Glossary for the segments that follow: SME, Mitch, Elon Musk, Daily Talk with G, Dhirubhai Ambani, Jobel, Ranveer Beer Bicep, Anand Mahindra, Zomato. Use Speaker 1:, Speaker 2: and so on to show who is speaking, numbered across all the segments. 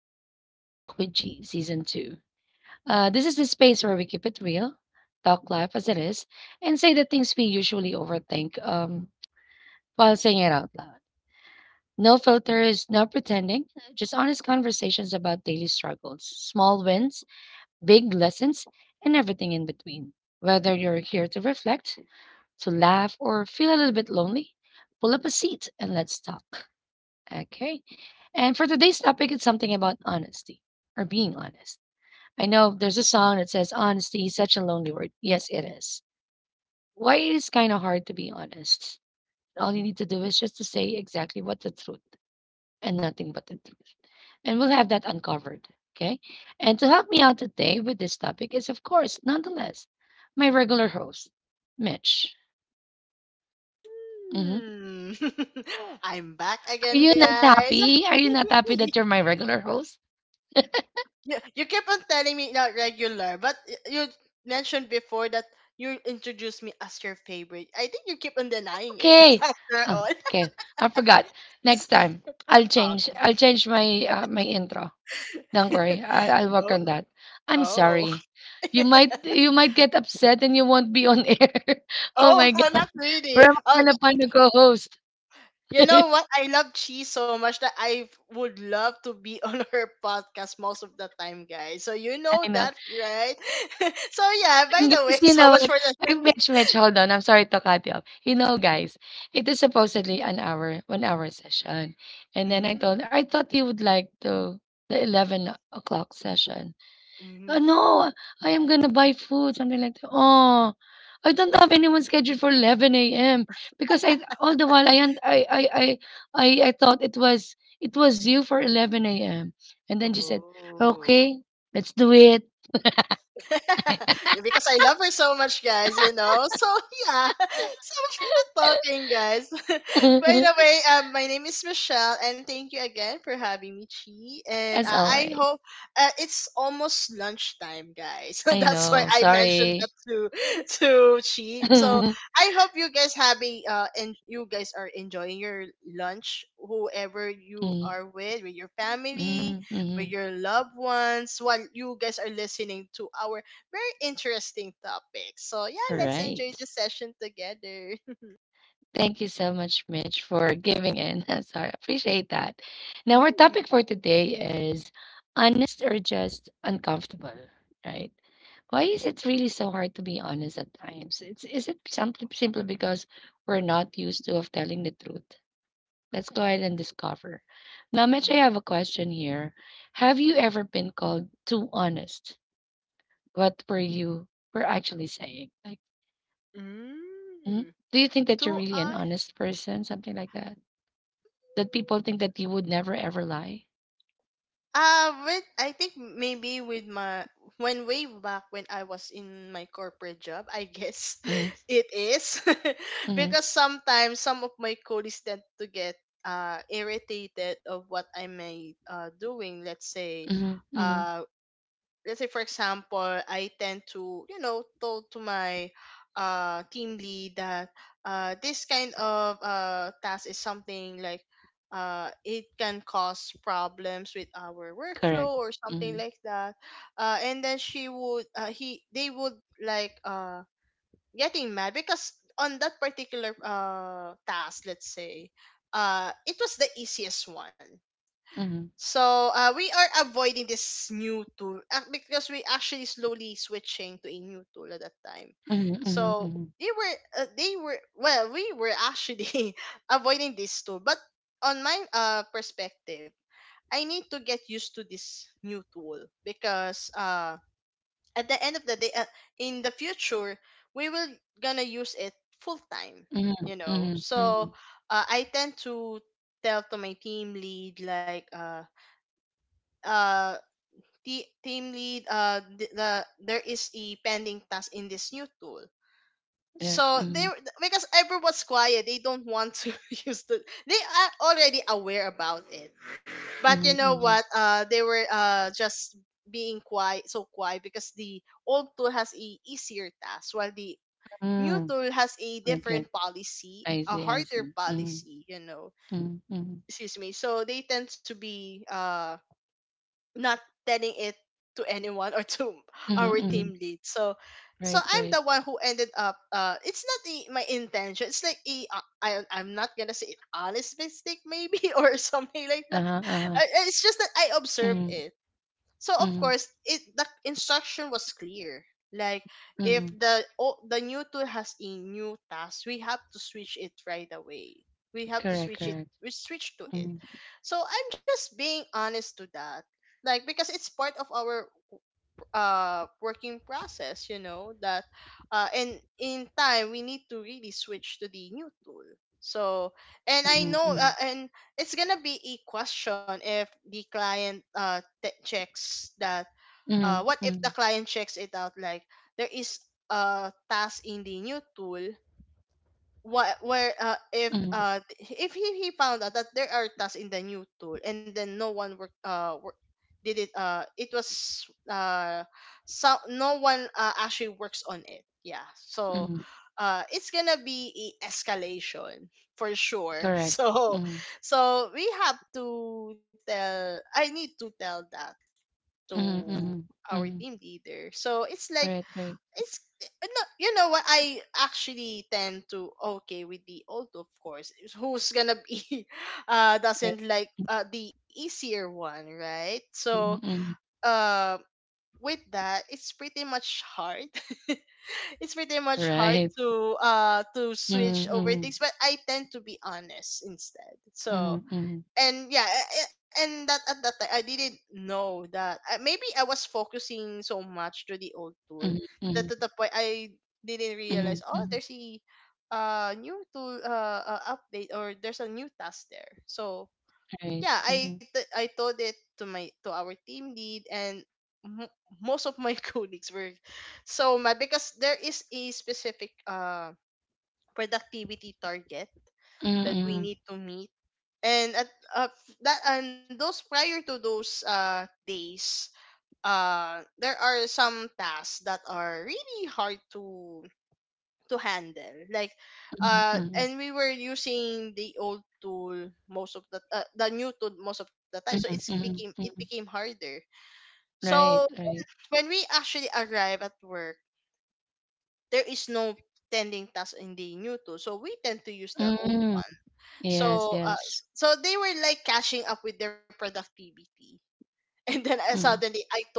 Speaker 1: Welcome to Daily Talk with G, Season 2. This is the space where we keep it real, talk life as it is, and say the things we usually overthink while saying it out loud. No filters, no pretending, just honest conversations about daily struggles, small wins, big lessons, and everything in between. Whether you're here to reflect, to laugh, or feel a little bit lonely, pull up a seat and let's talk. Okay. And for today's topic, it's something about honesty or being honest. I know there's a song that says, "Honesty is such a lonely word." Yes, it is. Why it is kind of hard to be honest? All you need to do is just to say exactly what the truth and nothing but the truth. And we'll have that uncovered. Okay. And to help me out today with this topic is, of course, nonetheless, my regular host, Mitch. Mhm.
Speaker 2: Mm. I'm back
Speaker 1: Are
Speaker 2: again,
Speaker 1: you not
Speaker 2: guys.
Speaker 1: happy? Are you not happy that you're my regular host?
Speaker 2: You keep on telling me not regular, but you mentioned before that you introduced me as your favorite. I think you keep on denying it
Speaker 1: Okay.
Speaker 2: after
Speaker 1: Oh,
Speaker 2: all.
Speaker 1: okay. I forgot. Next time, I'll
Speaker 2: Oh.
Speaker 1: change. I'll change my my intro. Don't worry. I, I'll work
Speaker 2: Oh.
Speaker 1: on that. I'm
Speaker 2: Oh.
Speaker 1: sorry. You might get upset and you won't be on air. Oh
Speaker 2: Oh,
Speaker 1: my god.
Speaker 2: not
Speaker 1: Where
Speaker 2: really.
Speaker 1: am
Speaker 2: Oh,
Speaker 1: I gonna find a co-host?
Speaker 2: you know
Speaker 1: I
Speaker 2: what? I love Chi so much that I would love to be on her podcast most of the time, guys. So you know
Speaker 1: know.
Speaker 2: that, right? So yeah. By
Speaker 1: And
Speaker 2: the
Speaker 1: guys,
Speaker 2: way,
Speaker 1: you
Speaker 2: so
Speaker 1: know
Speaker 2: much
Speaker 1: what?
Speaker 2: for
Speaker 1: Ay,
Speaker 2: the.
Speaker 1: Mitch, Mitch, hold on. I'm sorry to cut you off. You know, guys, it is supposedly an hour, 1 hour session, and then
Speaker 2: Mm,
Speaker 1: I thought you would like to the 11 o'clock session.
Speaker 2: mm,
Speaker 1: No, I am gonna buy food, something like that. Oh, I don't have anyone scheduled for 11 a.m., because I all the while I and I I thought it was you for 11 a.m. And then she said,
Speaker 2: oh.
Speaker 1: "Okay, let's do it."
Speaker 2: Because I love her so much, guys, you know. So yeah, so much for the talking, guys. By the way, my name is Michelle, and thank you again for having me, Chi. And
Speaker 1: As
Speaker 2: I
Speaker 1: always.
Speaker 2: hope it's almost lunchtime, guys. So
Speaker 1: I
Speaker 2: that's why
Speaker 1: know.
Speaker 2: I mentioned that
Speaker 1: Sorry.
Speaker 2: to Chi. So
Speaker 1: Mm,
Speaker 2: I hope you guys having and you guys are enjoying your lunch, whoever you
Speaker 1: mm,
Speaker 2: are with your family, with
Speaker 1: mm,
Speaker 2: your loved ones while you guys are listening to our very interesting topic. So yeah,
Speaker 1: all
Speaker 2: let's enjoy
Speaker 1: right.
Speaker 2: the session together.
Speaker 1: Thank you so much, Mitch, for giving in. I'm sorry. Appreciate that. Now, our
Speaker 2: Mm.
Speaker 1: topic for today is honest or just uncomfortable, right? Why is it really so hard to be honest at times? Is it simply because we're not used to of telling the truth? Let's go ahead and discover. Now, Mitch,
Speaker 2: Mm.
Speaker 1: I have a question here. Have you ever been called too honest? What were you Were actually saying, like, mm,
Speaker 2: Mm.
Speaker 1: do you think that you're
Speaker 2: Do
Speaker 1: really an
Speaker 2: I?
Speaker 1: honest person? Something like that? That people think that you would never ever lie.
Speaker 2: I think maybe with my when way back when I was in my corporate job, I guess
Speaker 1: Mhm,
Speaker 2: it is
Speaker 1: mhm,
Speaker 2: because sometimes some of my colleagues tend to get irritated of what I may doing.
Speaker 1: mhm, mhm.
Speaker 2: Uh let's say for example I tend to you know told to my team lead that this kind of task is something like it can cause problems with our workflow
Speaker 1: Correct.
Speaker 2: or something
Speaker 1: Mhm,
Speaker 2: like that, and then she would he they would like getting mad because on that particular task, let's say it was the easiest one.
Speaker 1: mhm,
Speaker 2: So we are avoiding this new tool, because we actually slowly switching to a new tool at that time.
Speaker 1: mhm, mhm,
Speaker 2: So
Speaker 1: mhm,
Speaker 2: they were well we were actually avoiding this tool. But on my perspective, I need to get used to this new tool because at the end of the day, in the future, we will gonna use it full time.
Speaker 1: mhm,
Speaker 2: You know,
Speaker 1: mhm,
Speaker 2: so
Speaker 1: mhm.
Speaker 2: I tend to tell to my team lead like uh team lead there is a pending task in this new tool,
Speaker 1: Yeah,
Speaker 2: so
Speaker 1: mhm,
Speaker 2: because everyone's quiet, they don't want to use they are already aware about it, but you
Speaker 1: mhm,
Speaker 2: know
Speaker 1: mhm.
Speaker 2: what, they were just being quiet, so quiet because the old tool has a easier task while the new
Speaker 1: Mm.
Speaker 2: tool has a
Speaker 1: Okay.
Speaker 2: different policy,
Speaker 1: I
Speaker 2: a
Speaker 1: see, I
Speaker 2: harder
Speaker 1: see. Mhm,
Speaker 2: policy, you know.
Speaker 1: mhm, mhm,
Speaker 2: Excuse me, so they tend to be not telling it to anyone or to
Speaker 1: mhm,
Speaker 2: our
Speaker 1: mhm.
Speaker 2: team lead. So
Speaker 1: Right,
Speaker 2: I'm
Speaker 1: right.
Speaker 2: the one who ended up it's not my intention. It's like a I I'm not going to say honest mistake maybe or something like that.
Speaker 1: Uh-huh, uh-huh.
Speaker 2: It's just that I observe
Speaker 1: Mhm,
Speaker 2: it, so of
Speaker 1: mhm,
Speaker 2: course it the instruction was clear, like if
Speaker 1: mhm.
Speaker 2: the new tool has a new task, we have to switch it right away, we have to
Speaker 1: Correct,
Speaker 2: switch it,
Speaker 1: correct.
Speaker 2: we switch to it.
Speaker 1: Mhm,
Speaker 2: So I'm just being honest to that, like because it's part of our working process, you know that and in time we need to really switch to the new tool. So and I
Speaker 1: mhm,
Speaker 2: know
Speaker 1: mhm,
Speaker 2: and it's gonna be a question if the client checks that.
Speaker 1: mhm,
Speaker 2: What if the
Speaker 1: mhm,
Speaker 2: client checks it out, like there is a task in the new tool, what where
Speaker 1: mhm,
Speaker 2: if he, he found out that there are tasks in the new tool and then no one work, did it? It was uh so No one actually works on it, yeah. So
Speaker 1: mhm.
Speaker 2: it's gonna be a escalation for sure.
Speaker 1: Correct.
Speaker 2: So
Speaker 1: Mhm,
Speaker 2: so we have to tell I need to tell that
Speaker 1: mhm,
Speaker 2: to
Speaker 1: mhm,
Speaker 2: our
Speaker 1: mhm.
Speaker 2: team leader. So it's like
Speaker 1: Right, right,
Speaker 2: it's no, you know what, I actually tend to okay with the old, of course, is who's gonna be
Speaker 1: right.
Speaker 2: doesn't like the easier one, right? So
Speaker 1: Mhm, mhm.
Speaker 2: uh with that, it's pretty much hard, it's pretty much hard
Speaker 1: Right.
Speaker 2: to
Speaker 1: Mhm,
Speaker 2: switch over
Speaker 1: mhm,
Speaker 2: things, but I tend to be honest instead.
Speaker 1: mhm,
Speaker 2: So
Speaker 1: mhm,
Speaker 2: and yeah, and that, at that time, I didn't know that I, maybe I was focusing so much to the old tool
Speaker 1: mhm, mhm,
Speaker 2: that to the point I didn't
Speaker 1: mhm,
Speaker 2: realize, oh,
Speaker 1: mhm,
Speaker 2: there's a new tool update or there's a new task there. So
Speaker 1: right,
Speaker 2: yeah,
Speaker 1: mhm,
Speaker 2: I told it to my to our team lead, and mo most of my colleagues were so mad because there is a specific productivity target
Speaker 1: mhm,
Speaker 2: that we
Speaker 1: mhm,
Speaker 2: need to meet. And that, and those prior to those days, there are some tasks that are really hard to handle, like
Speaker 1: mhm,
Speaker 2: and we were using the new tool most of the time, so
Speaker 1: mhm, mhm,
Speaker 2: it became
Speaker 1: mhm,
Speaker 2: harder. So
Speaker 1: right, right.
Speaker 2: when we actually arrive at work, there is no pending task in the new tool, so we tend to use the old.
Speaker 1: Mm, yes,
Speaker 2: So
Speaker 1: yes.
Speaker 2: so they were like catching up with their productivity, and then
Speaker 1: Mhm,
Speaker 2: I told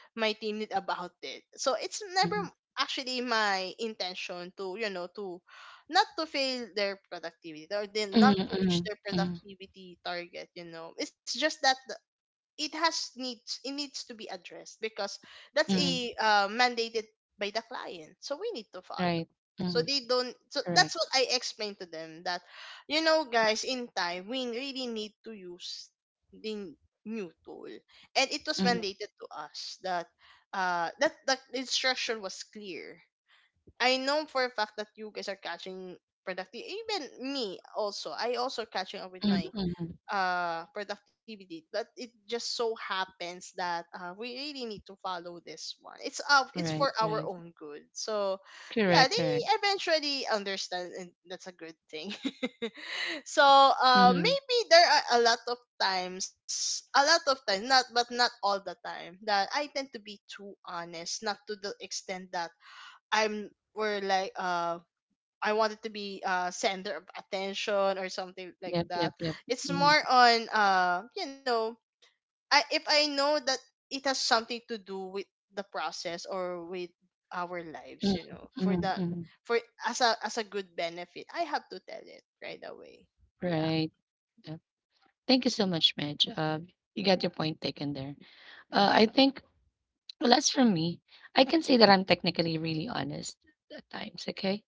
Speaker 2: my team about it. So it's
Speaker 1: mhm,
Speaker 2: never actually my intention to you know to not to fail their productivity or then
Speaker 1: mhm,
Speaker 2: not to reach
Speaker 1: mhm,
Speaker 2: their
Speaker 1: mhm,
Speaker 2: productivity target. You know, it's just that it needs to be addressed because that's
Speaker 1: mhm,
Speaker 2: a mandated by the client, so we need to follow.
Speaker 1: right,
Speaker 2: So
Speaker 1: mhm,
Speaker 2: they don't so
Speaker 1: correct.
Speaker 2: that's what I explained to them, that you know, guys, in time we really need to use new tool, and it was mandated
Speaker 1: Mhm,
Speaker 2: to us that that instruction was clear. I know for a fact that you guys are catching productive, even me, also I also catching up with
Speaker 1: mhm,
Speaker 2: my
Speaker 1: mhm,
Speaker 2: productivity, but it just so happens that we really need to follow this one, it's
Speaker 1: right,
Speaker 2: for our
Speaker 1: right.
Speaker 2: own good. So yeah,
Speaker 1: Correct,
Speaker 2: they
Speaker 1: correct.
Speaker 2: eventually understand, and that's a good thing. So
Speaker 1: Mhm,
Speaker 2: maybe there are a lot of times, a lot of times not, but not all the time that I tend to be too honest, not to the extent that I'm we're like I wanted to be center of attention or something like
Speaker 1: yep, yep,
Speaker 2: that.
Speaker 1: yep.
Speaker 2: It's
Speaker 1: Mhm,
Speaker 2: more on you know, I if I know that it has something to do with the process or with our lives,
Speaker 1: mhm,
Speaker 2: you know, for
Speaker 1: mhm,
Speaker 2: that
Speaker 1: mhm,
Speaker 2: for as a good benefit, I have to tell it right away. Yeah.
Speaker 1: right. Yep. Thank you so much, Midge. You got your point taken there. I think Well, as for me, I can say that I'm technically really honest at times, okay?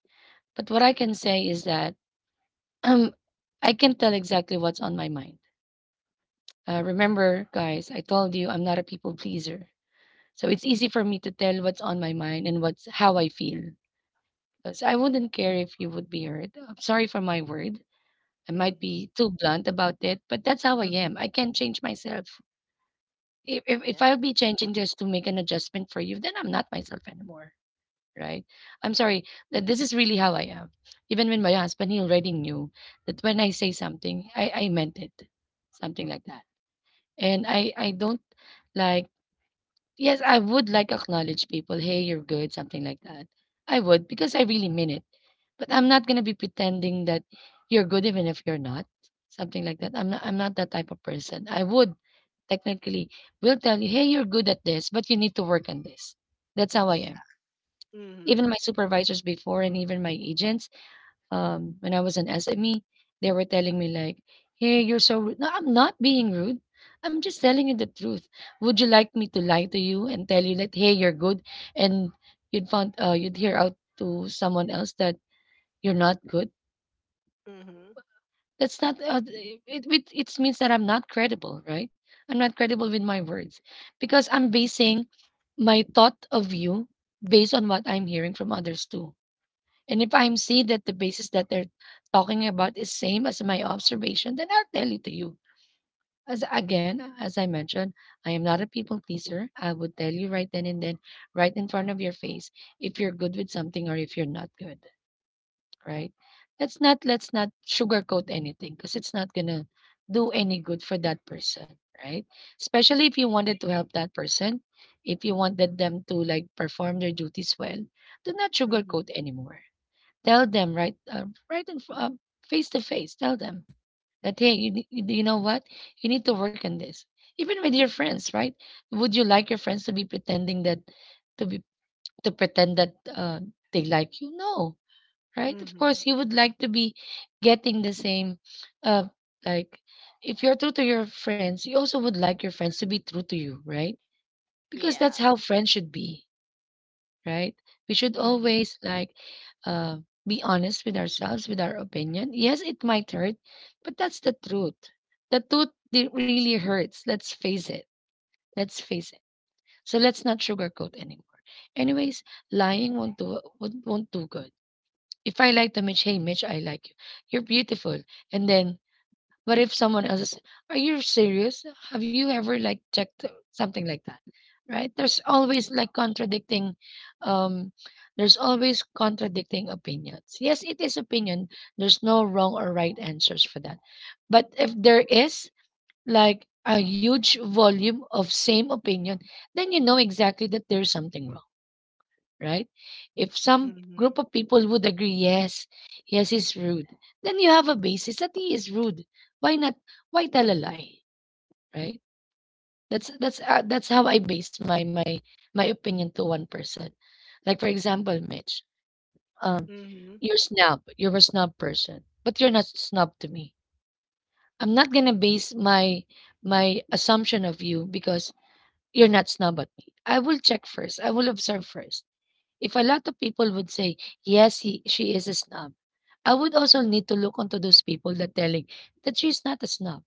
Speaker 1: But what I can say is that um, I can tell exactly what's on my mind. Remember, guys, I told you I'm not a people pleaser. So it's easy for me to tell what's on my mind and what's how I feel. So I wouldn't care if you would be hurt. I'm sorry for my word. I might be too blunt about it, but that's how I am.
Speaker 2: Mm.
Speaker 1: I can't change myself. If, if,
Speaker 2: Yeah.
Speaker 1: if I'll be changing just to make an adjustment for you, then I'm not myself anymore, right? I'm sorry. That This is really how I am. Even when my husband, he already knew that when I say something, I meant it, something like that. And I don't, like, yes, I would like acknowledge people, hey, you're good, something like that. I would, because I really mean it. But I'm not going to be pretending that you're good even if you're not, something like that. I'm not
Speaker 2: Mm-hmm.
Speaker 1: that type of person. I would Technically will tell you, hey, you're good at this, but you need to work on this. That's how I
Speaker 2: Yeah.
Speaker 1: am.
Speaker 2: Hmm.
Speaker 1: Even my supervisors before and even my agents, when I was an SME, they were telling me like, "Hey, you're so rude." No, I'm not being rude. I'm just telling you the truth. Would you like me to lie to you and tell you that, "Hey, you're good," and you'd hear out to someone else that you're not good?
Speaker 2: Hmm.
Speaker 1: That's not. It means that I'm not credible, right? I'm not credible with my words, because I'm basing my thought of you based on what I'm hearing from others too. And if I'm see that the basis that they're talking about is same as my observation, then I'll tell it to you. As again, as I mentioned, I am not a people pleaser. I would tell you right then and then, right in front of your face, if you're good with something or if you're not good, right? Let's not sugarcoat anything, because it's not gonna do any good for that person, right? Especially if you wanted to help that person, if you wanted them to like perform their duties well, do not
Speaker 2: Hmm.
Speaker 1: sugarcoat anymore. Tell them right, right face to face. Tell them that, hey, you know what? You need to work on this. Even with your friends, right? Would you like your friends to be to pretend that they like you? No, right? Of
Speaker 2: Hmm.
Speaker 1: course, you would like to be getting the same, uh, like, if you're true to your friends, you also would like your friends to be true to you, right? Because
Speaker 2: Yeah.
Speaker 1: that's how friends should be, right? We should
Speaker 2: Mm-hmm.
Speaker 1: always like uh, be honest with ourselves, with our opinion. Yes, it might hurt, but that's the truth. The truth it really hurts. Let's face it. Let's face it. So let's not sugarcoat anymore. Anyways, lying won't do good. If I like to Mitch, hey Mitch, I like you. You're beautiful, and then but if someone else is, are you serious? Have you ever like checked something like that? Right? There's always like um, there's always contradicting opinions. Yes, it is opinion. There's no wrong or right answers for that. But if there is like a huge volume of same opinion, then you know exactly that there's something wrong, right? If
Speaker 2: Hmm.
Speaker 1: some
Speaker 2: Hmm.
Speaker 1: group of people would agree, yes, yes, he's rude, then you have a basis that he is rude. Why not? Why tell a lie, right? That's how I base my opinion to one person. Like for example, Mitch, um, you're a snob person, but you're not snob to me. I'm not gonna base my assumption of you because you're not snob at me. I will check first. I will observe first. If a lot of people would say, yes, she is a snob, I would also need to look onto those people that telling that she's not a snob,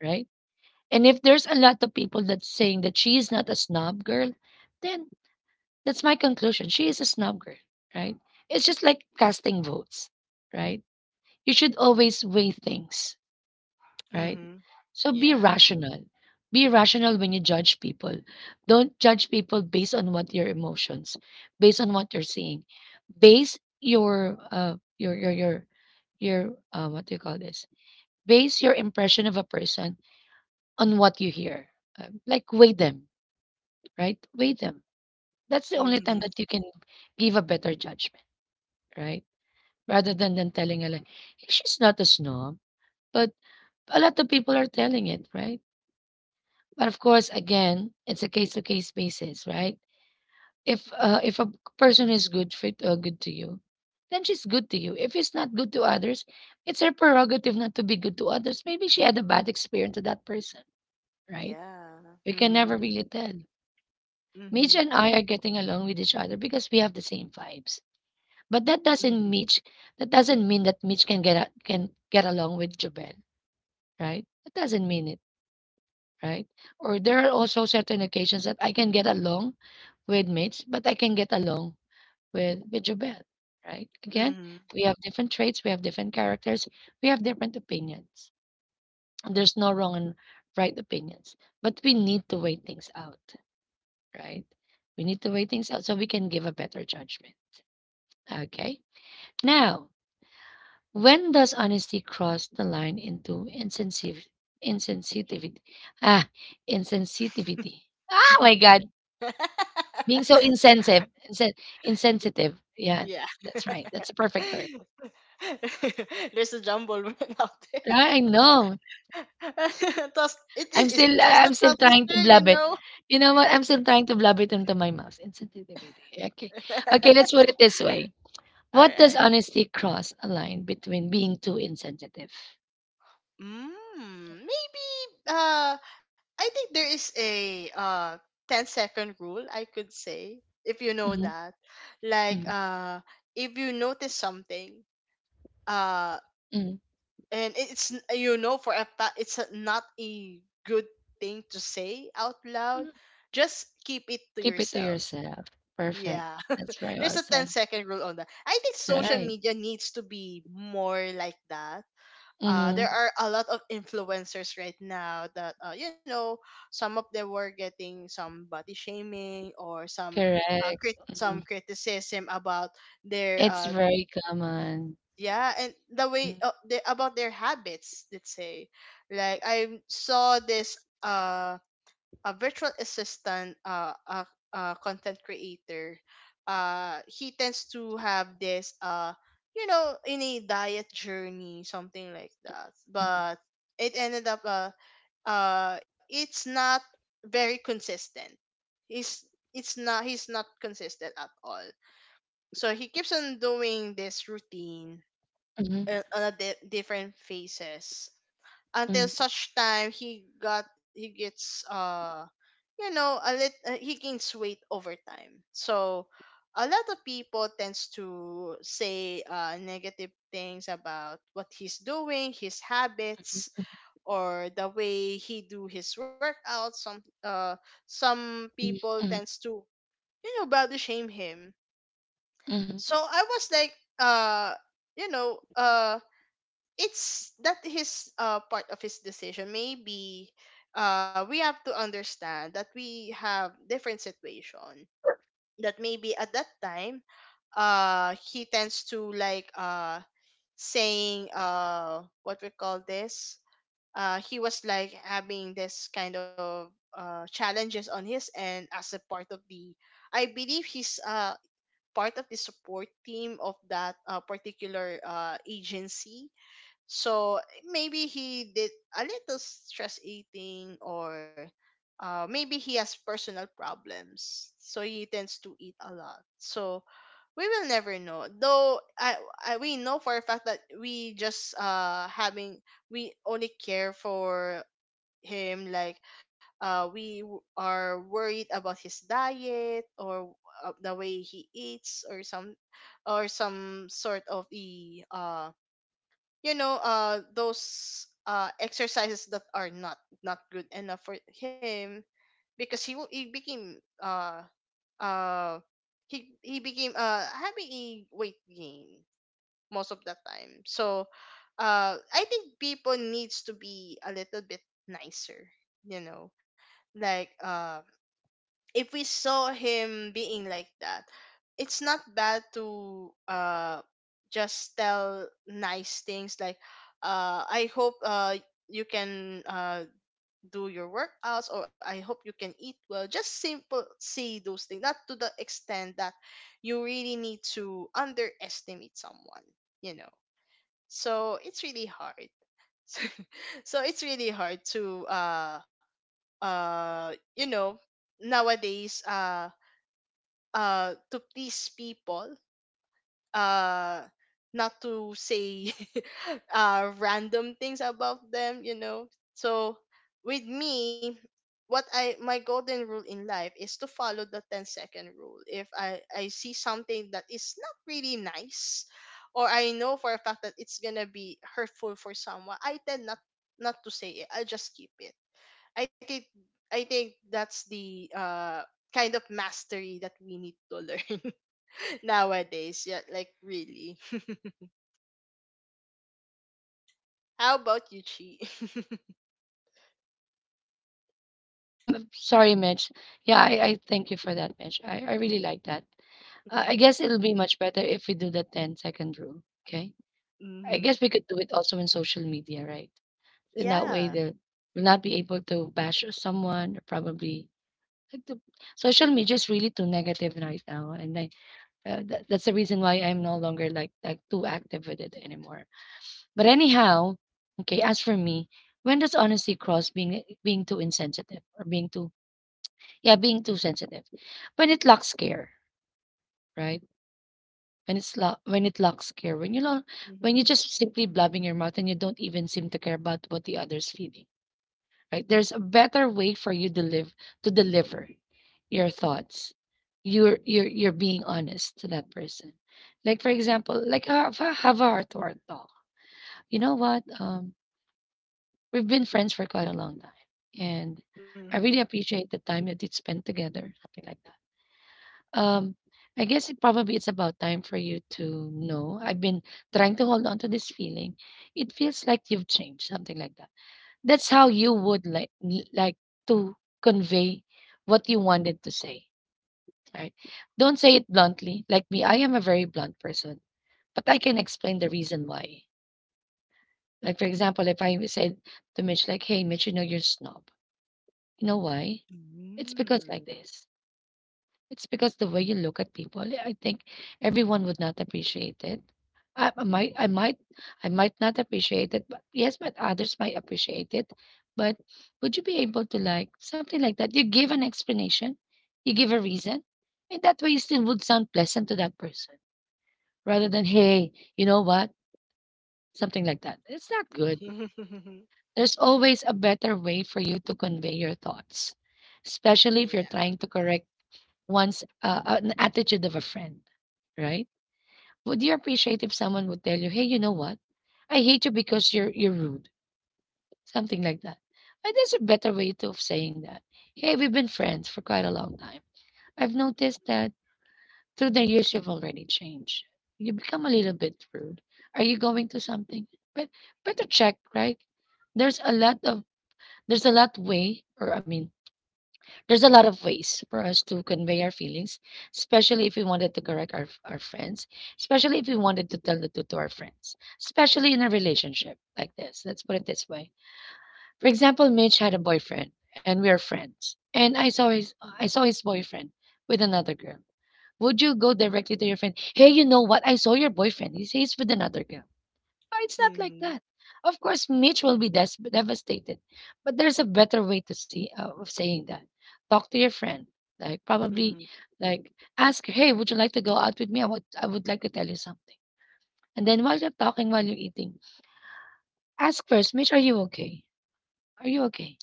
Speaker 1: right? And if there's a lot of people that's saying that she is not a snob girl, then that's my conclusion. She is a snob girl, right? It's just like casting votes, right? You should always weigh things, right?
Speaker 2: Mm-hmm.
Speaker 1: So be
Speaker 2: Yeah.
Speaker 1: rational. Be rational when you judge people. Don't judge people based on what your emotions, based on what you're seeing. Base your What do you call this? Base your impression of a person on what you hear. Like, weigh them, right? Weigh them. That's the only time
Speaker 2: Hmm.
Speaker 1: that you can give a better judgment, right? Rather than telling a, like, she's not a snob, but a lot of people are telling it, right? But of course, again, it's a case to case basis, right? If a person is good fit, good to you, then she's good to you. If she's not good to others, it's her prerogative not to be good to others. Maybe she had a bad experience with that person, right?
Speaker 2: Yeah.
Speaker 1: We can
Speaker 2: Mhm.
Speaker 1: never really tell.
Speaker 2: Mm-hmm.
Speaker 1: Mitch and I are getting along with each other because we have the same vibes. But
Speaker 2: Mm-hmm.
Speaker 1: that doesn't mean that Mitch can can get along with Jobel, right? That doesn't mean it, right? Or there are also certain occasions that I can get along with mates, but I can get along with Jobel, right? Again,
Speaker 2: Mm-hmm.
Speaker 1: we have different traits, we have different characters, we have different opinions. There's no wrong and right opinions, but we need to weigh things out, right? We need to weigh things out so we can give a better judgment. Okay. Now, when does honesty cross the line into insensitivity? Ah, insensitivity. Oh my God, being so insensitive. Yeah,
Speaker 2: Yeah.
Speaker 1: that's right. That's the perfect term.
Speaker 2: There's a jumble out there.
Speaker 1: I know.
Speaker 2: Toast,
Speaker 1: I'm
Speaker 2: is this
Speaker 1: still
Speaker 2: a
Speaker 1: I- am
Speaker 2: tongue
Speaker 1: still
Speaker 2: twister,
Speaker 1: trying to
Speaker 2: you
Speaker 1: blab
Speaker 2: know?
Speaker 1: it. You know what? I'm still trying to blab it into my mouth. Insensitivity. Okay. Okay, let's put it this way.
Speaker 2: All
Speaker 1: What does
Speaker 2: right.
Speaker 1: honesty cross a line between being too insensitive?
Speaker 2: Maybe uh I think there is a 10 second rule I could say, if you know
Speaker 1: Hmm.
Speaker 2: that. Like
Speaker 1: Hmm.
Speaker 2: if you notice something uh
Speaker 1: Hmm.
Speaker 2: and it's you know for a fact it's not a good thing to say out loud, just keep it to
Speaker 1: Keep it to
Speaker 2: yourself.
Speaker 1: yourself. Perfect.
Speaker 2: Yeah,
Speaker 1: That's very
Speaker 2: there's a
Speaker 1: well
Speaker 2: 10
Speaker 1: said.
Speaker 2: second rule on that. I think social
Speaker 1: Right.
Speaker 2: media needs to be more like that. There
Speaker 1: Mm-hmm.
Speaker 2: are a lot of influencers right now that you know, some of them were getting some body shaming or some
Speaker 1: Correct.
Speaker 2: some
Speaker 1: Mhm.
Speaker 2: criticism about their
Speaker 1: It's very common. Right.
Speaker 2: yeah, and the way
Speaker 1: Mm-hmm.
Speaker 2: about their habits, let's say, like I saw this a virtual assistant a content creator. He tends to have this you know, in a diet journey, something like that,
Speaker 1: Mm-hmm.
Speaker 2: but it ended up it's not very consistent. He's it's not, he's not consistent at all. So he keeps on doing this routine
Speaker 1: Mm-hmm.
Speaker 2: on different phases until
Speaker 1: Mm,
Speaker 2: such time he gets you know, a lit he gains weight over time. So a lot of people tends to say negative things about what he's doing, his habits, or the way he do his workouts. Some some
Speaker 1: mm,
Speaker 2: people
Speaker 1: mm,
Speaker 2: tends to you know body shame him.
Speaker 1: mm.
Speaker 2: So I was like uh you know, it's that his part of his decision maybe. We have to understand that we have different situation, that maybe at that time he tends to like saying what we call this, he was like having this kind of challenges on his end as a part of the, I believe he's part of the support team of that particular agency. So maybe he did a little stress eating, or maybe he has personal problems. So he tends to eat a lot. So we will never know. Though I we know for a fact that we just having we only care for him. We are worried about his diet or the way he eats or some sort of the you know those exercises that are not good enough for him, because he became uh uh having a weight gain most of the time. So I think people needs to be a little bit nicer, you know, like uh if we saw him being like that, it's not bad to just tell nice things like, "I hope you can do your workouts," or "I hope you can eat well." Just simple say those things, not to the extent that you really need to underestimate someone, you know. So it's really hard. So it's really hard to uh you know nowadays to please people, uh not to say random things about them, you know. So with me, what I my golden rule in life is to follow the 10 second rule. If I see something that is not really nice or I know for a fact that it's gonna be hurtful for someone, I tend not to say it. I just keep it. I think I think that's the kind of mastery that we need to learn nowadays. Yeah, like really. How about you, Chi?
Speaker 1: Yeah, I'm sorry, Mitch. Yeah, I thank you for that, Mitch. I really like that. I
Speaker 2: Mm-hmm.
Speaker 1: guess it'll be much better if we do the 10 second rule. Okay. I
Speaker 2: Mm-hmm.
Speaker 1: guess we could do it also in social media, right? In that way,
Speaker 2: Yeah.
Speaker 1: they'll will not be able to bash someone. Or probably like the social media is really too negative right now, and that's the reason why I'm no longer like too active with it anymore. But anyhow, okay, as for me, when does honesty cross being too insensitive or being too sensitive? When it lacks care, right? When when it lacks care,
Speaker 2: Mm-hmm.
Speaker 1: when you just simply blabbing your mouth and you don't even seem to care about what the other's feeling, right? There's a better way for you to deliver your thoughts. You're being honest to that person. Like for example, like have a heart to heart talk. You know what? Um, we've been friends for quite a long time, and
Speaker 2: Mm-hmm.
Speaker 1: I really appreciate the time that we spent together, something like that. I guess it probably it's about time for you to know. I've been trying to hold on to this feeling. It feels like you've changed, something like that. That's how you would like to convey what you wanted to say, right? Don't say it bluntly. Like me, I am a very blunt person, but I can explain the reason why. Like for example, if I said to Mitch, like, "Hey, Mitch, you know you're a snob." You know why? It's because like this. It's because the way you look at people, I think everyone would not appreciate it. I, I might, I might, I might not appreciate it. But yes, but others might appreciate it. But would you be able to like something like that? You give an explanation, you give a reason, and that way you still would sound pleasant to that person rather than hey, you know what, something like that. It's not good.
Speaker 2: Mm-hmm.
Speaker 1: There's always a better way for you to convey your thoughts, especially if you're
Speaker 2: Yeah.
Speaker 1: trying to correct one's an attitude of a friend, right? Would you appreciate if someone would tell you, "Hey, you know what? I hate you because you're rude," something like that. But there's a better way to of saying that. Hey, we've been friends for quite a long time. I've noticed that through the years you've already changed. You become a little bit rude. Are you going to something? But better check, right? There's a lot of there's a lot way, or I mean, there's a lot of ways for us to convey our feelings, especially if we wanted to correct our friends, especially if we wanted to tell the truth to our friends, especially in a relationship like this. Let's put it this way. For example, Mitch had a boyfriend and we are friends. And I saw his boyfriend with another girl. Would you go directly to your friend? Hey, you know what? I saw your boyfriend. He's with another girl. But it's not like
Speaker 2: Mm-hmm.
Speaker 1: that. Of course, Mitch will be devastated, but there's a better way to see of saying that. Talk to your friend, like
Speaker 2: Mm-hmm.
Speaker 1: probably, like ask her, hey, would you like to go out with me? I would like to tell you something. And then while you're talking, while you're eating, ask first, Mitch, are you okay? Are you okay?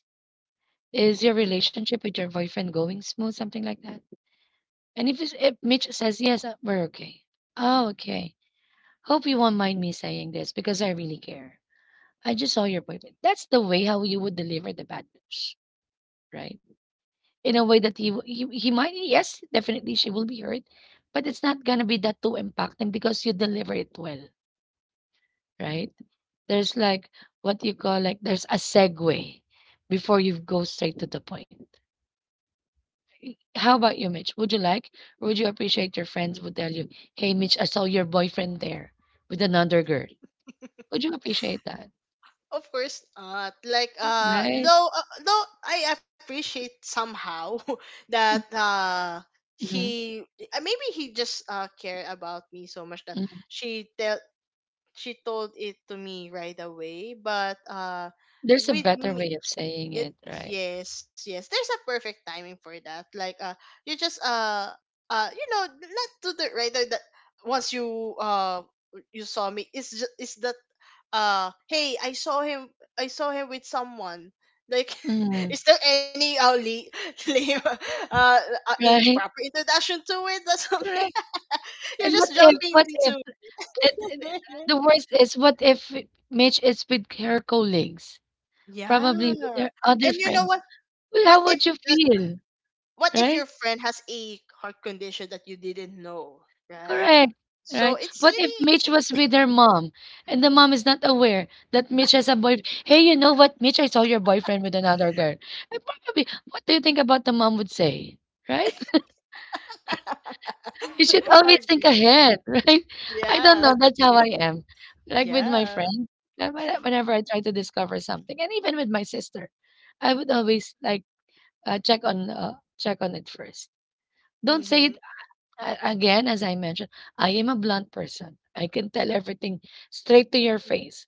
Speaker 1: Is your relationship with your boyfriend going smooth? Something like that. And if Mitch says yes, we're okay. Oh, okay. Hope you won't mind me saying this because I really care. I just saw your appointment. That's the way how you would deliver the bad news, right? In a way that he might, yes, definitely she will be hurt, but it's not going to be that too impacting because you deliver it well, right? There's like what you call like, there's a segue before you go straight to the point. How about you, Mitch? Would you like, or would you appreciate your friends would tell you, hey, Mitch, I saw your boyfriend there with another girl? Would you appreciate that,
Speaker 2: Of course not. Like uh
Speaker 1: right?
Speaker 2: though uh, though I appreciate somehow that
Speaker 1: Mm, mhm,
Speaker 2: he maybe he just cared about me so much that
Speaker 1: mhm.
Speaker 2: she tell she told it to me right away. But
Speaker 1: There's a
Speaker 2: with
Speaker 1: better
Speaker 2: me
Speaker 1: way of saying it,
Speaker 2: Good.
Speaker 1: right?
Speaker 2: Yes, yes. There's a perfect timing for that. Like, you just you know not to the right now that once you you saw me, it's just it's that, "Hey, I saw him, with someone," like,
Speaker 1: Mm,
Speaker 2: is there any lame uh, in proper
Speaker 1: right,
Speaker 2: introduction to it or something?
Speaker 1: correct.
Speaker 2: You're
Speaker 1: And
Speaker 2: just jumping
Speaker 1: what if,
Speaker 2: into—
Speaker 1: and the worst is, what if Mitch is with her colleagues,
Speaker 2: Yeah,
Speaker 1: probably with her other
Speaker 2: and you know
Speaker 1: friends?
Speaker 2: what, what
Speaker 1: Well,
Speaker 2: if
Speaker 1: how would you feel?
Speaker 2: what if your
Speaker 1: Right?
Speaker 2: friend has a heart condition that you didn't know, right?
Speaker 1: Correct.
Speaker 2: So
Speaker 1: Right?
Speaker 2: it's
Speaker 1: What if
Speaker 2: really—
Speaker 1: Mitch was with her mom and the mom is not aware that Mitch has a boyfriend? Hey, you know what, Mitch, I saw your boyfriend with another girl. And probably, what do you think about the mom would say? Right? You should always think
Speaker 2: Agreed.
Speaker 1: ahead, right? I don't
Speaker 2: Yeah.
Speaker 1: know, that's how I am. Like with my
Speaker 2: Yeah.
Speaker 1: friends, whenever I try to discover something, and even with my sister, I would always like check on it first. Don't say
Speaker 2: Mm-hmm.
Speaker 1: it again, as I mentioned. I am a blunt person. I can tell everything straight to your
Speaker 2: Hmm.
Speaker 1: face,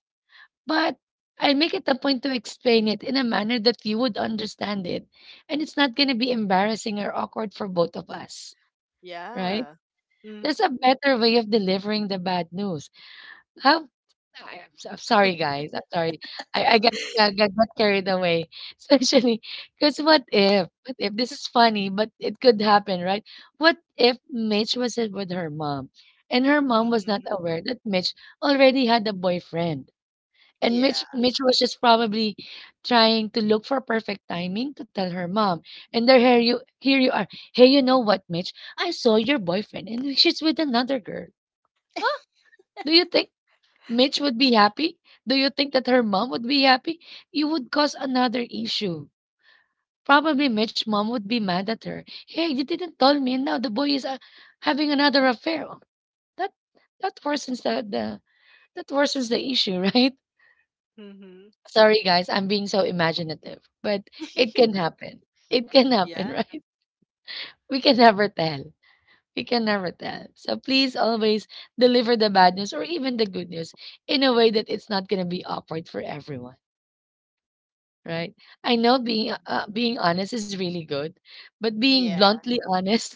Speaker 1: but I make it a point to explain it in a manner that you would understand it, and it's not going to be embarrassing or awkward for both of us,
Speaker 2: Yeah.
Speaker 1: right?
Speaker 2: Mm-hmm.
Speaker 1: There's a better way of delivering the bad news. How? I'm sorry, guys. I'm sorry. I, I got, I got carried away, especially because what if? What if this is funny, but it could happen, right? What if Mitch was it with her mom, and her mom was not
Speaker 2: Hmm.
Speaker 1: aware that Mitch already had a boyfriend? And
Speaker 2: Yeah.
Speaker 1: Mitch was just probably trying to look for perfect timing to tell her mom. And there here you are. Hey, you know what, Mitch? I saw your boyfriend and she's with another girl. Huh? Do you think Mitch would be happy? Do you think that her mom would be happy? You would cause another issue. Probably Mitch's mom would be mad at her. Hey, you didn't tell me and now the boy is having another affair. Oh, That that worsens the that worsens the issue, right?
Speaker 2: Hmm.
Speaker 1: Sorry, guys, I'm being so imaginative, but it can happen. It can
Speaker 2: Yeah.
Speaker 1: happen, right? We can never tell. We can never tell. So please always deliver the bad news or even the good news in a way that it's not going to be awkward for everyone, right? I know
Speaker 2: Mhm.
Speaker 1: being honest is really good, but
Speaker 2: Yeah.
Speaker 1: being bluntly honest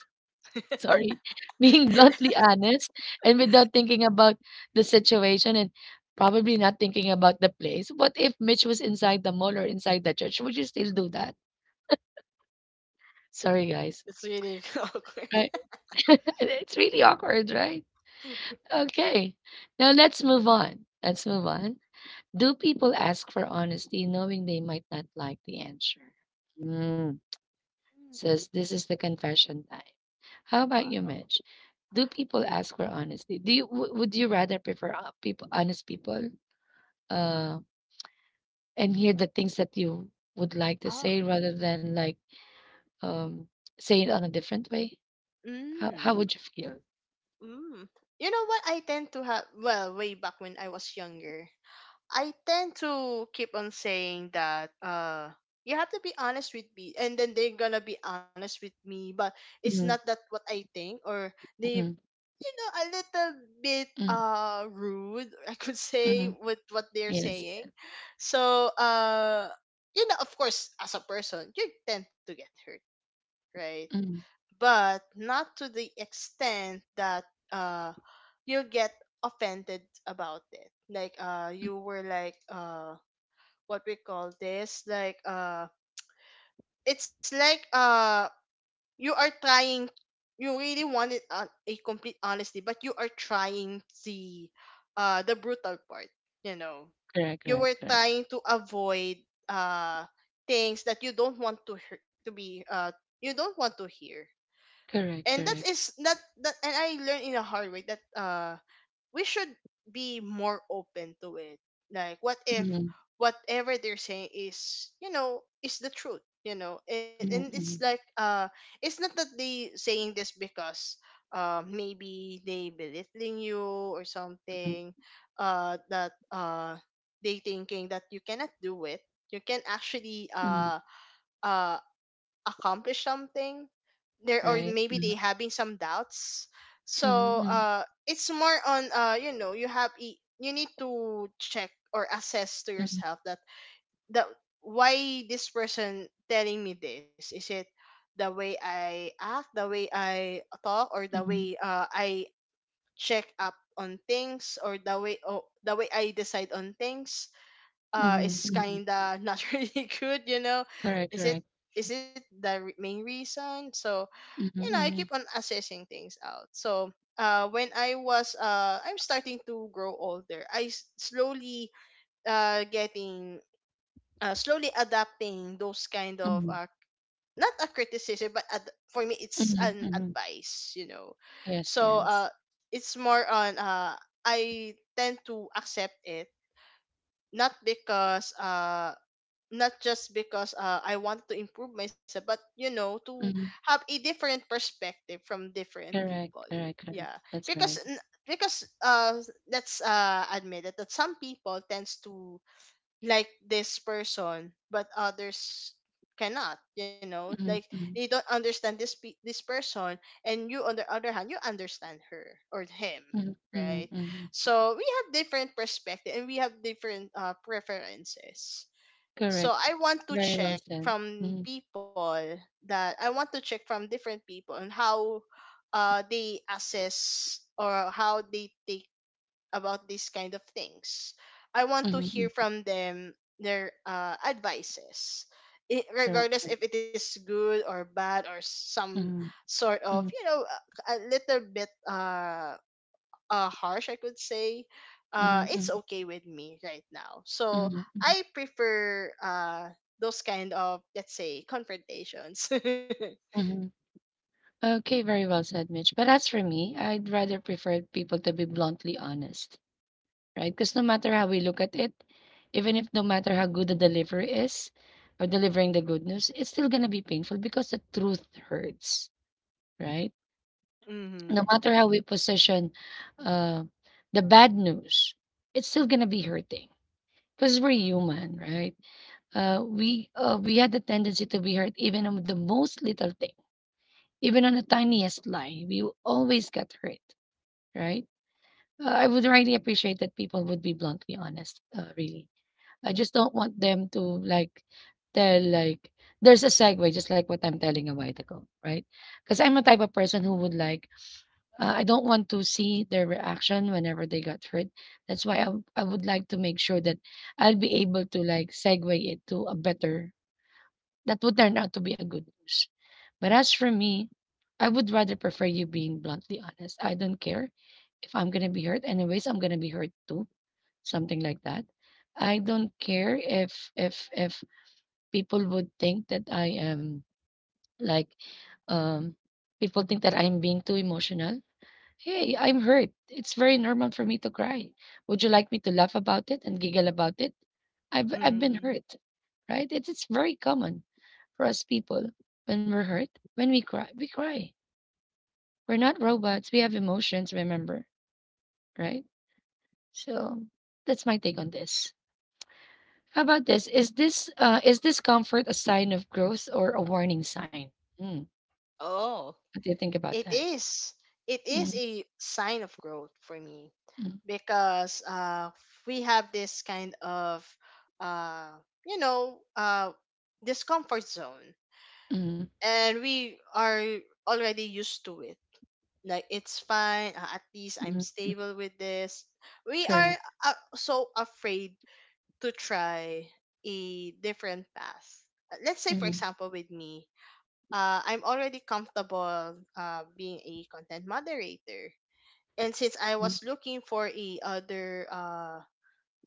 Speaker 1: sorry, being bluntly honest and without thinking about the situation and probably not thinking about the place. What if Mitch was inside the mall or inside the church? Would you still do that? Sorry, guys.
Speaker 2: It's really awkward.
Speaker 1: Right? it's really awkward, right? Okay. Now let's move on. Let's move on. Do people ask for honesty knowing they might not like the answer? Mm,
Speaker 2: Mm.
Speaker 1: says this is the confession time. How about you,
Speaker 2: Wow.
Speaker 1: Mitch? Do people ask for honesty? Do would you rather prefer people honest people
Speaker 2: Mm-hmm.
Speaker 1: uh and hear the things that you would like to
Speaker 2: Oh.
Speaker 1: say rather than like um say it on a different way?
Speaker 2: Mm.
Speaker 1: How would you feel?
Speaker 2: Mm. You know what, I tend to have, well, way back when I was younger, I tend to keep on saying that you have to be honest with me, and then they're gonna be honest with me, but it's not
Speaker 1: Mm,
Speaker 2: that what I think, or they
Speaker 1: mm,
Speaker 2: you know, a little bit
Speaker 1: mm,
Speaker 2: rude, I could say,
Speaker 1: mm.
Speaker 2: with what they're
Speaker 1: Yes.
Speaker 2: saying. So you know, of course, as a person, you tend to get hurt, right?
Speaker 1: Mm.
Speaker 2: But not to the extent that uh you'll get offended about it. Like you were like what we call this like it's like you are trying— you really wanted a complete honesty, but you are trying the brutal part, you know,
Speaker 1: Correct,
Speaker 2: you
Speaker 1: correct,
Speaker 2: were
Speaker 1: correct.
Speaker 2: trying to avoid uh things that you don't want to hear, to be you don't want to hear.
Speaker 1: Correct,
Speaker 2: and that
Speaker 1: correct.
Speaker 2: is that that and I learned in a hard way that we should be more open to it. Like, what if
Speaker 1: Mm,
Speaker 2: whatever they're saying is, you know, is the truth, you know? And
Speaker 1: mm,
Speaker 2: it's like,
Speaker 1: mm,
Speaker 2: it's not that they saying this because, maybe they belittling you or
Speaker 1: mm,
Speaker 2: something, uh, that, uh, they thinking that you cannot do it. You can actually,
Speaker 1: mm.
Speaker 2: uh accomplish something there, or
Speaker 1: Right.
Speaker 2: maybe they
Speaker 1: Mm,
Speaker 2: having some doubts. so
Speaker 1: mm,
Speaker 2: uh it's more on, you know, you need to check or assess to
Speaker 1: mm,
Speaker 2: yourself that the why this person telling me this. Is it the way I act, the way I talk, or the
Speaker 1: mm,
Speaker 2: way I check up on things, or the way I decide on things
Speaker 1: mm,
Speaker 2: is
Speaker 1: mm, mm.
Speaker 2: kinda not really good, you know?
Speaker 1: Correct,
Speaker 2: is it
Speaker 1: correct.
Speaker 2: is it the main reason? So,
Speaker 1: Mm,
Speaker 2: you know, I keep on
Speaker 1: mm,
Speaker 2: assessing things out. So when I'm starting to grow older, I s- slowly getting slowly adapting those kind of,
Speaker 1: mm,
Speaker 2: not a criticism, but for me it's
Speaker 1: mm,
Speaker 2: an
Speaker 1: mm.
Speaker 2: advice, you know.
Speaker 1: Yes,
Speaker 2: so
Speaker 1: yes.
Speaker 2: uh it's more on, I tend to accept it, not because— not just because I want to improve myself, but, you know, to
Speaker 1: Mhm.
Speaker 2: have a different perspective from different
Speaker 1: Correct,
Speaker 2: people.
Speaker 1: correct, correct.
Speaker 2: Yeah,
Speaker 1: That's
Speaker 2: because
Speaker 1: right.
Speaker 2: because uh, let's admit it that some people tends to like this person, but others cannot. You know, like,
Speaker 1: Mhm,
Speaker 2: you
Speaker 1: mhm,
Speaker 2: don't understand this person, and you on the other hand, you understand her or him.
Speaker 1: mhm, mhm,
Speaker 2: Right,
Speaker 1: mhm.
Speaker 2: so we have different perspective, and we have different preferences. So
Speaker 1: Correct.
Speaker 2: I want to
Speaker 1: Very well
Speaker 2: check
Speaker 1: said.
Speaker 2: from
Speaker 1: Mhm,
Speaker 2: people that— I want to check from different people on how they assess or how they think about these kind of things. I want to
Speaker 1: mhm,
Speaker 2: hear
Speaker 1: mhm.
Speaker 2: from them their advices,
Speaker 1: Correct,
Speaker 2: regardless
Speaker 1: correct.
Speaker 2: if it is good or bad, or some
Speaker 1: Mhm,
Speaker 2: sort of,
Speaker 1: mhm,
Speaker 2: you know, a little bit harsh, I could say,
Speaker 1: mhm,
Speaker 2: it's
Speaker 1: mhm,
Speaker 2: okay with me right now. So
Speaker 1: mhm, mhm,
Speaker 2: I prefer, those kind of, let's say, confrontations.
Speaker 1: mhm. Okay, very well said, Mitch. But as for me, I'd rather prefer people to be bluntly honest, right? Because no matter how we look at it, even if no matter how good the delivery is or delivering the good news, it's still gonna be painful because the truth hurts, right?
Speaker 2: Mm-hmm.
Speaker 1: No matter how we position uh, the bad news, it's still gonna be hurting because we're human, right? We had the tendency to be hurt even on the most little thing, even on the tiniest lie. We always get hurt, right? I would really appreciate that people would be bluntly honest. Really, I just don't want them to like tell like there's a segue, just like what I'm telling a while ago, right? Because I'm a type of person who would like I don't want to see their reaction whenever they got hurt. That's why I would like to make sure that I'll be able to like segue it to a better that would turn out to be a good news. But as for me, I would rather prefer you being bluntly honest. I don't care if I'm gonna be hurt. Anyways, I'm gonna be hurt too. Something like that. I don't care if people would think that I am like um people think that I'm being too emotional. Hey, I'm hurt. It's very normal for me to cry. Would you like me to laugh about it and giggle about it? I've been
Speaker 2: Mm-hmm.
Speaker 1: hurt, right? It's very common for us people. When we're hurt, when we cry, we cry. We're not robots. We have emotions, remember, right? So that's my take on this. How about this? Is this is discomfort a sign of growth or a warning sign? Mm,
Speaker 2: Oh,
Speaker 1: what do you think
Speaker 2: it
Speaker 1: about that?
Speaker 2: is. It is
Speaker 1: Mm,
Speaker 2: a sign of growth for me
Speaker 1: mm,
Speaker 2: because, we have this kind of, uh, you know, uh, discomfort zone,
Speaker 1: mm,
Speaker 2: and we are already used to it, like, it's fine, at least
Speaker 1: mm,
Speaker 2: I'm
Speaker 1: mm,
Speaker 2: stable with this. We are,
Speaker 1: correct.
Speaker 2: so afraid to try a different path. Let's say, for
Speaker 1: Mm,
Speaker 2: example, with me, I'm already comfortable being a content moderator, and since I
Speaker 1: mm,
Speaker 2: was looking for a other,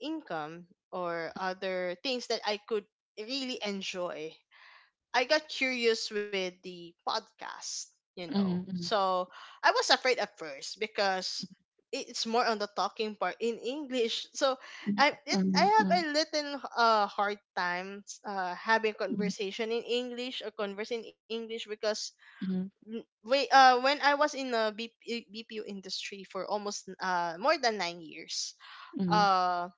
Speaker 2: income or other things that I could really enjoy, I got curious with the podcast, you know.
Speaker 1: mm, mm.
Speaker 2: So I was afraid at first because it's more on the talking part in English. So I
Speaker 1: Mhm,
Speaker 2: have a
Speaker 1: mhm,
Speaker 2: little hard time having
Speaker 1: mhm,
Speaker 2: conversation in English, or converse in English, because
Speaker 1: mhm,
Speaker 2: mm, we when I was in the BP industry for almost more than 9 years,
Speaker 1: mhm,
Speaker 2: uh,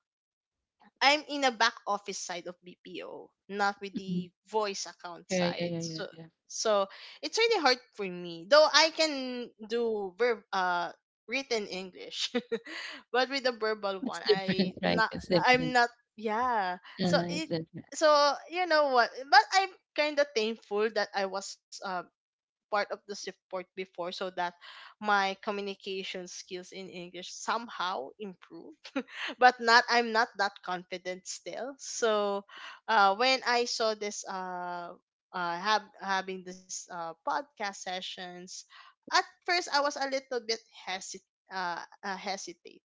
Speaker 2: I'm in a back office side of BPO, not with the
Speaker 1: mhm.
Speaker 2: voice account
Speaker 1: Yeah,
Speaker 2: side.
Speaker 1: yeah, yeah,
Speaker 2: So
Speaker 1: yeah, yeah.
Speaker 2: so it's really hard for me. Though I can do verb written English. But with the verbal one,
Speaker 1: It's
Speaker 2: I
Speaker 1: different,
Speaker 2: not
Speaker 1: right? It's
Speaker 2: I'm
Speaker 1: different.
Speaker 2: not yeah. So it
Speaker 1: Uh, it's different.
Speaker 2: so you know what, but I'm kind of thankful that I was, part of the support before, so that my communication skills in English somehow improved. But not I'm not that confident still. So, when I saw this, have having this podcast sessions, at first I was a little bit hesit uh, uh hesitate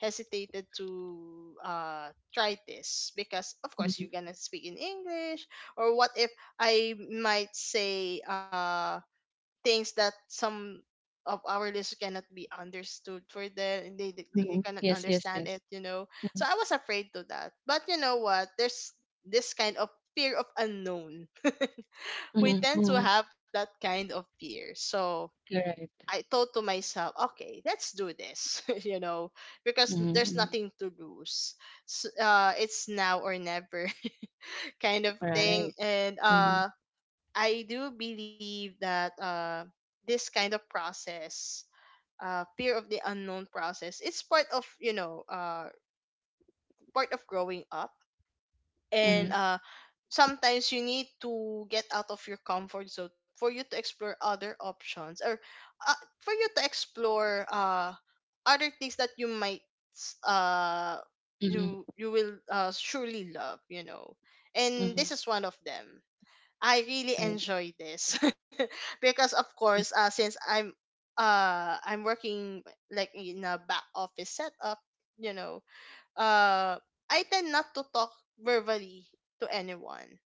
Speaker 2: hesitated to try this, because of course you're
Speaker 1: Mhm,
Speaker 2: gonna speak in English, or what if I might say things that some of our listeners cannot be understood, for them they, they
Speaker 1: mhm.
Speaker 2: cannot
Speaker 1: Yes, yes,
Speaker 2: understand it,
Speaker 1: yes.
Speaker 2: you know. So I
Speaker 1: Mhm,
Speaker 2: was afraid to that, but you know what, there's this kind of fear of unknown, we
Speaker 1: mhm,
Speaker 2: tend to
Speaker 1: mhm.
Speaker 2: have that kind of fear. So
Speaker 1: Correct.
Speaker 2: I thought to myself, okay, let's do this, you know, because
Speaker 1: Mhm,
Speaker 2: there's
Speaker 1: mhm.
Speaker 2: nothing to lose. It's now or never, kind of thing.
Speaker 1: Right.
Speaker 2: And
Speaker 1: Mhm,
Speaker 2: I do believe that this kind of process, fear of the unknown process, it's part of, you know, part of growing up, and
Speaker 1: mhm,
Speaker 2: uh, sometimes you need to get out of your comfort zone for you to explore other options, or for you to explore other things that you might s- uh,
Speaker 1: mhm,
Speaker 2: you will, surely love, you know, and this
Speaker 1: mhm.
Speaker 2: is one of them. I really
Speaker 1: Right.
Speaker 2: enjoy this. Because of course, since I'm working like in a back office setup, you know, uh I tend not to talk verbally to anyone.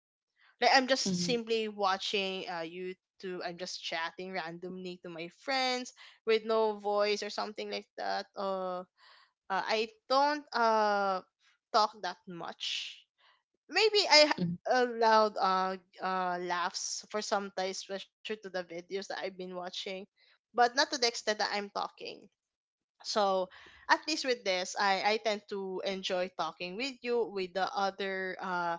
Speaker 2: Like, I'm just
Speaker 1: Mhm,
Speaker 2: simply watching YouTube, I'm just chatting randomly to my friends with no voice or something like that. I don't talk that much. Maybe I
Speaker 1: mhm,
Speaker 2: allowed laughs for some time, especially to the videos that I've been watching, but not to the extent that I'm talking. So at least with this, I tend to enjoy talking with you, with the other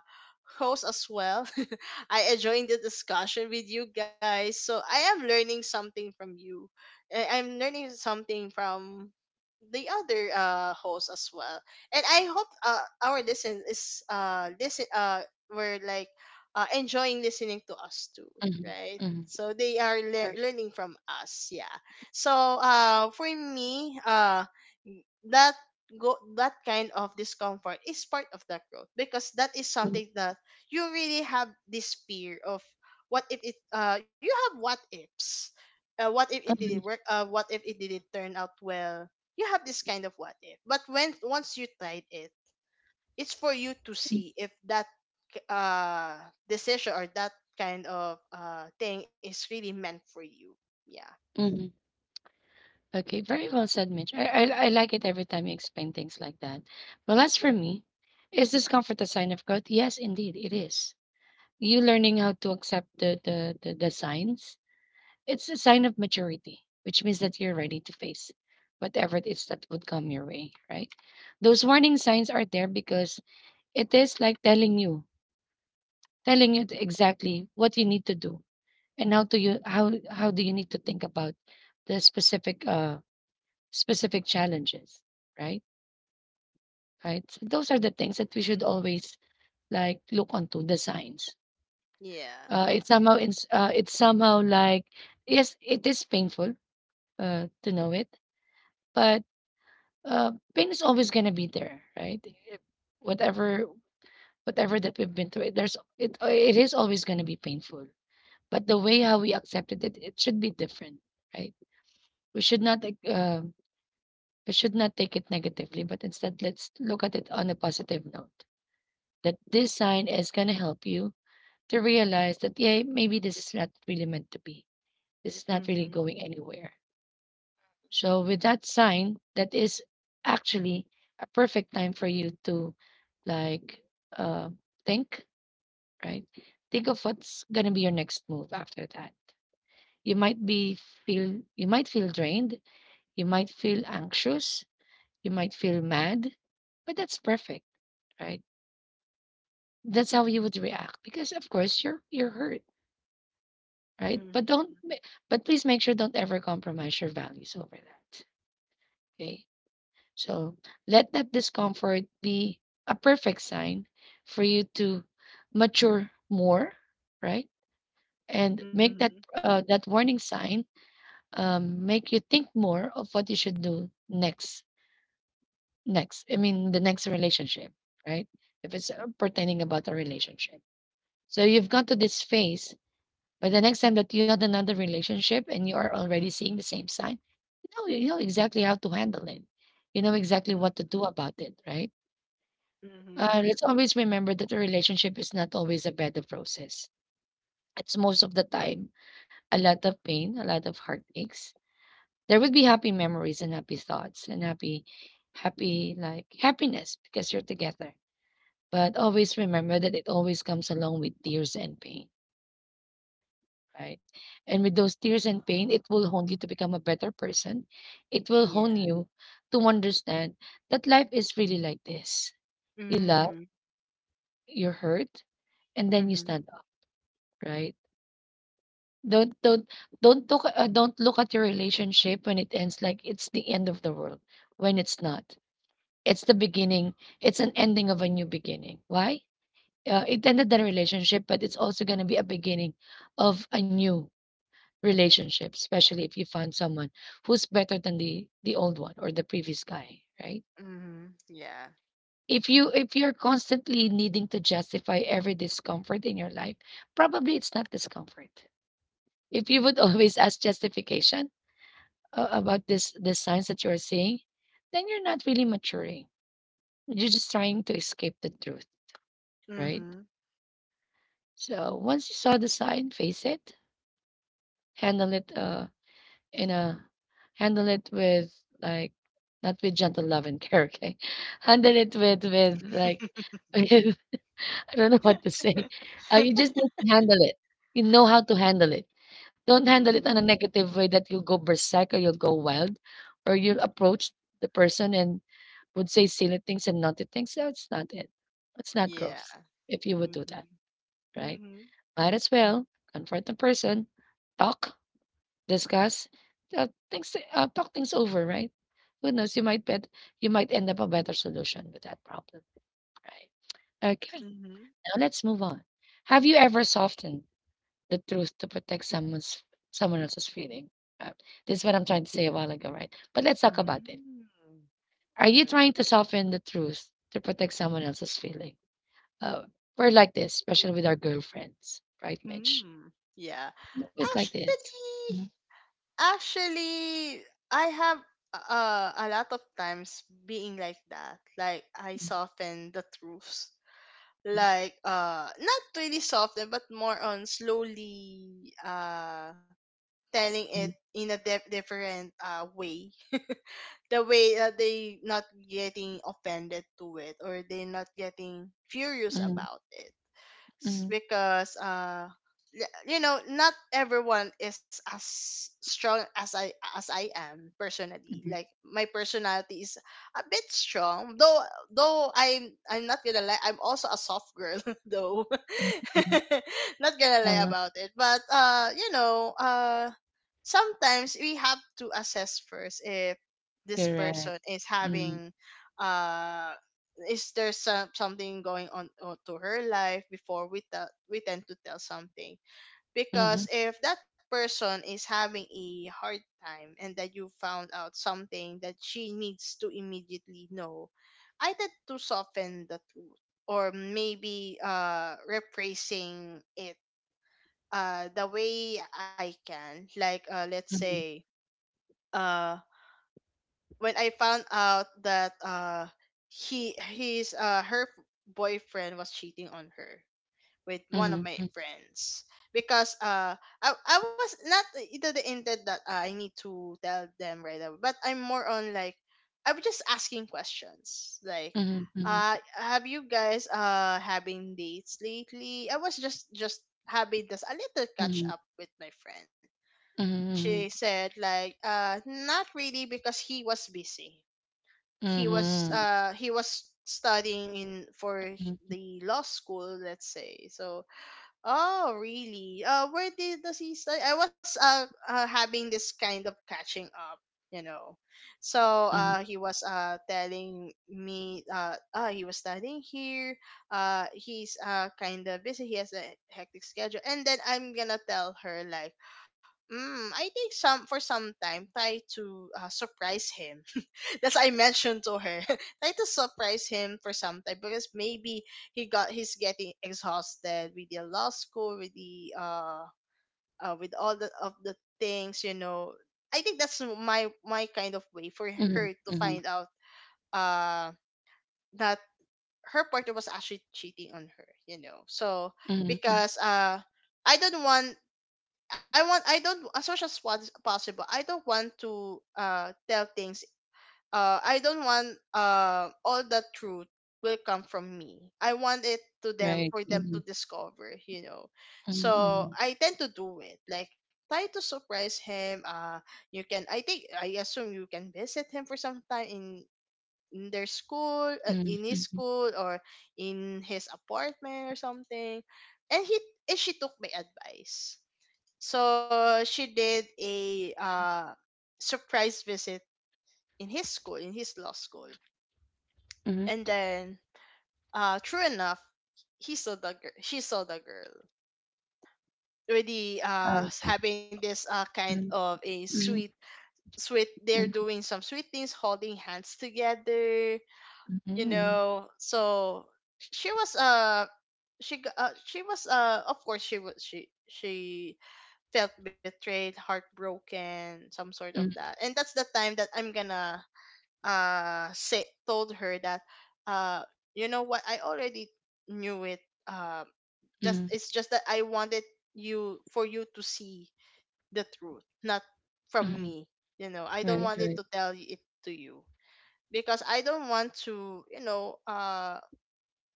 Speaker 2: hosts as well. I enjoying the discussion with you guys. So I am learning something from you. I'm learning something from the other hosts as well. And I hope our listen were like, enjoying listening to us too,
Speaker 1: mhm,
Speaker 2: right?
Speaker 1: mhm.
Speaker 2: So they are lear
Speaker 1: Perfect.
Speaker 2: learning from us. Yeah. So for me that go that kind of discomfort is part of that growth, because that is
Speaker 1: Mhm,
Speaker 2: something that you really have this fear of what if it you have what ifs, what if it didn't
Speaker 1: mhm,
Speaker 2: work, what if it didn't turn out well. You have this kind of what if, but when once you tried it, it's for you to
Speaker 1: mhm,
Speaker 2: see if that uh decision or that kind of thing is really meant for you. Yeah.
Speaker 1: mhm. Okay, very well said, Mitch. I like it every time you explain things like that. Well, as for me, is discomfort a sign of growth? Yes, indeed, it is. You learning how to accept the the signs, it's a sign of maturity, which means that you're ready to face whatever it is that would come your way, right? Those warning signs are there because it is like telling you, telling you exactly what you need to do and how do you need to think about the specific specific challenges, right? Right, so those are the things that we should always like look onto the signs.
Speaker 2: Yeah.
Speaker 1: It's somehow, it's somehow like yes, it is painful to know it, but pain is always gonna be there, right? It- Whatever whatever that we've been through, there's it it is always gonna be painful. But the way how we accepted it, it should be different, right? We should not like, we should not take it negatively, but instead let's look at it on a positive note. That this sign is gonna help you to realize that yeah, maybe this is not really meant to be. This is not really
Speaker 2: Hmm.
Speaker 1: going anywhere. So with that sign, that is actually a perfect time for you to like uh, think, right? Think of what's gonna be your next move after that. You might be you might feel drained, you might feel anxious, you might feel mad, but that's perfect, right? That's how you would react because of course you're hurt, right? But
Speaker 2: Mhm.
Speaker 1: don't ma- but please make sure don't ever compromise your values over that. Okay. So let that discomfort be a perfect sign for you to mature more, right? And make
Speaker 2: Mhm.
Speaker 1: that that warning sign make you think more of what you should do next. Next, I mean the next relationship, right? If it's pertaining about a relationship. So you've gone to this phase, but the next time that you had another relationship and you are already seeing the same sign, you know exactly how to handle it. You know
Speaker 2: Mhm.
Speaker 1: exactly what to do about it, right?
Speaker 2: Mhm.
Speaker 1: Let's always remember that a relationship is not always a bed of roses. It's most of the time a lot of pain, a lot of heartaches. There would be happy memories and happy thoughts and happy, happy, like happiness because you're together. But always remember that it always comes along with tears and pain, right? And with those tears and pain, it will hone you to become a better person. It will
Speaker 2: Yeah.
Speaker 1: hone you to understand that life is really like this. You love,
Speaker 2: Mhm.
Speaker 1: you're hurt, and then you
Speaker 2: Mhm.
Speaker 1: stand up, right? Don't don't don't look at your relationship when it ends like it's the end of the world. When it's not, it's the beginning. It's an ending of a new beginning. Why? It ended the relationship, but it's also going to be a beginning of a new relationship, especially if you find someone who's better than the old one or the previous guy, right?
Speaker 2: Mhm. Yeah.
Speaker 1: If you're constantly needing to justify every discomfort in your life, probably it's not discomfort. If you would always ask justification about this the signs that you are seeing, then you're not really maturing. You're just trying to escape the truth, right?
Speaker 2: Mhm.
Speaker 1: So once you saw the sign, face it, handle it in a handle it with like not with gentle love and care, okay? Handle it with with. I don't know what to say. You just need to handle it. You know how to handle it. Don't handle
Speaker 2: Mm.
Speaker 1: it in a negative way that you'll go berserk or you'll go wild or you'll approach the person and would say silly things and naughty things. That's not it. It's not
Speaker 2: Yeah.
Speaker 1: growth if you would
Speaker 2: Mhm.
Speaker 1: do that, right?
Speaker 2: Mhm.
Speaker 1: Might as well confront the person, talk, discuss, things, talk things over, right? Who knows? You might end up a better solution with that problem, right? Okay.
Speaker 2: Mhm.
Speaker 1: Now let's move on. Have you ever softened the truth to protect someone else's feeling? Uh, this is what I'm trying to say a while ago, right? But let's talk about it.
Speaker 2: Mhm.
Speaker 1: Are you
Speaker 2: Mm.
Speaker 1: trying to soften the truth to protect someone else's feeling? Uh, we're like this, especially with our girlfriends, right, Mitch?
Speaker 2: Mm. Yeah.
Speaker 1: Always like this.
Speaker 2: Actually,
Speaker 1: Mm,
Speaker 2: Actually, I have a lot of times being like that. Like I soften the truths. Like not really soften, but more on slowly telling it
Speaker 1: mm,
Speaker 2: in a different way, the way that they not getting offended to it or they not getting furious
Speaker 1: mm,
Speaker 2: about it. S-
Speaker 1: mm,
Speaker 2: because you know, not everyone is as strong as I am, personally.
Speaker 1: mm,
Speaker 2: Like my personality is a bit strong, though. Though I'm not gonna lie, I'm also a soft girl though.
Speaker 1: mm, mm, mm.
Speaker 2: Not gonna lie
Speaker 1: Uh,
Speaker 2: about it, but you know, sometimes we have to assess first if this
Speaker 1: Correct.
Speaker 2: person is
Speaker 1: Mm,
Speaker 2: having, uh is there something going on, to her life before we tend to tell something.
Speaker 1: mhm,
Speaker 2: Because if that person is having a hard time and that you found out something that she needs to immediately know, I tend to soften the truth, or maybe rephrasing it the way I can. Like, let's
Speaker 1: mhm,
Speaker 2: say, uh when I found out that he his her boyfriend was cheating on her with one
Speaker 1: mhm,
Speaker 2: of my
Speaker 1: mhm,
Speaker 2: friends. Because I was not into the intent that, I need to tell them right away, but I'm more on like, I was just asking questions like,
Speaker 1: mhm, mhm,
Speaker 2: have you guys having dates lately? I was just having this a little
Speaker 1: mhm,
Speaker 2: catch up with my friend. She
Speaker 1: mhm,
Speaker 2: said like, not really, because he was busy.
Speaker 1: mhm, mhm,
Speaker 2: He was studying in for
Speaker 1: mhm,
Speaker 2: the law school, let's say. So, oh really, where did does he study? I was, having this kind of catching up, you know. So
Speaker 1: mhm,
Speaker 2: he was telling me, oh he was studying here, he's kind of busy, he has a hectic schedule. And then I'm gonna tell her like, mm, I think some for some time try to, surprise him. That's I mentioned to her. Try to surprise him for some time, because maybe he's getting exhausted with the law school, with the, with all the of the things, you know. I think that's my kind of way for
Speaker 1: mhm,
Speaker 2: her to
Speaker 1: mhm,
Speaker 2: find out uh that her partner was actually cheating on her. You know, so
Speaker 1: mhm, mm,
Speaker 2: because I don't want I don't, as much as what's possible. I don't want to tell things. I don't want all the truth will come from me. I want it to
Speaker 1: right,
Speaker 2: them for them
Speaker 1: mhm,
Speaker 2: to discover, you know.
Speaker 1: mhm,
Speaker 2: So I tend to do it like, try to surprise him. You can. I assume you can visit him for some time in their school,
Speaker 1: mhm,
Speaker 2: in
Speaker 1: mhm,
Speaker 2: his
Speaker 1: mhm,
Speaker 2: school, or in his apartment or something. And he and she took my advice, so she did a, surprise visit in his school, in his law school,
Speaker 1: mhm.
Speaker 2: and then, true enough, he saw the girl. She saw the girl already,
Speaker 1: Okay.
Speaker 2: having this, kind
Speaker 1: Mhm,
Speaker 2: of a
Speaker 1: mhm,
Speaker 2: sweet. They're
Speaker 1: mhm,
Speaker 2: doing some sweet things, holding hands together. You
Speaker 1: mhm,
Speaker 2: know, so she was uh she was of course she felt betrayed, heartbroken, some sort of
Speaker 1: mhm,
Speaker 2: that. And that's the time that I'm gonna, say told her that, uh you know what, I already knew it. Um just
Speaker 1: mhm,
Speaker 2: it's just that I wanted you for you to see the truth, not from me.
Speaker 1: mhm.
Speaker 2: You know, I don't
Speaker 1: Right,
Speaker 2: want it to
Speaker 1: right.
Speaker 2: tell it to you, because I don't want to, you know,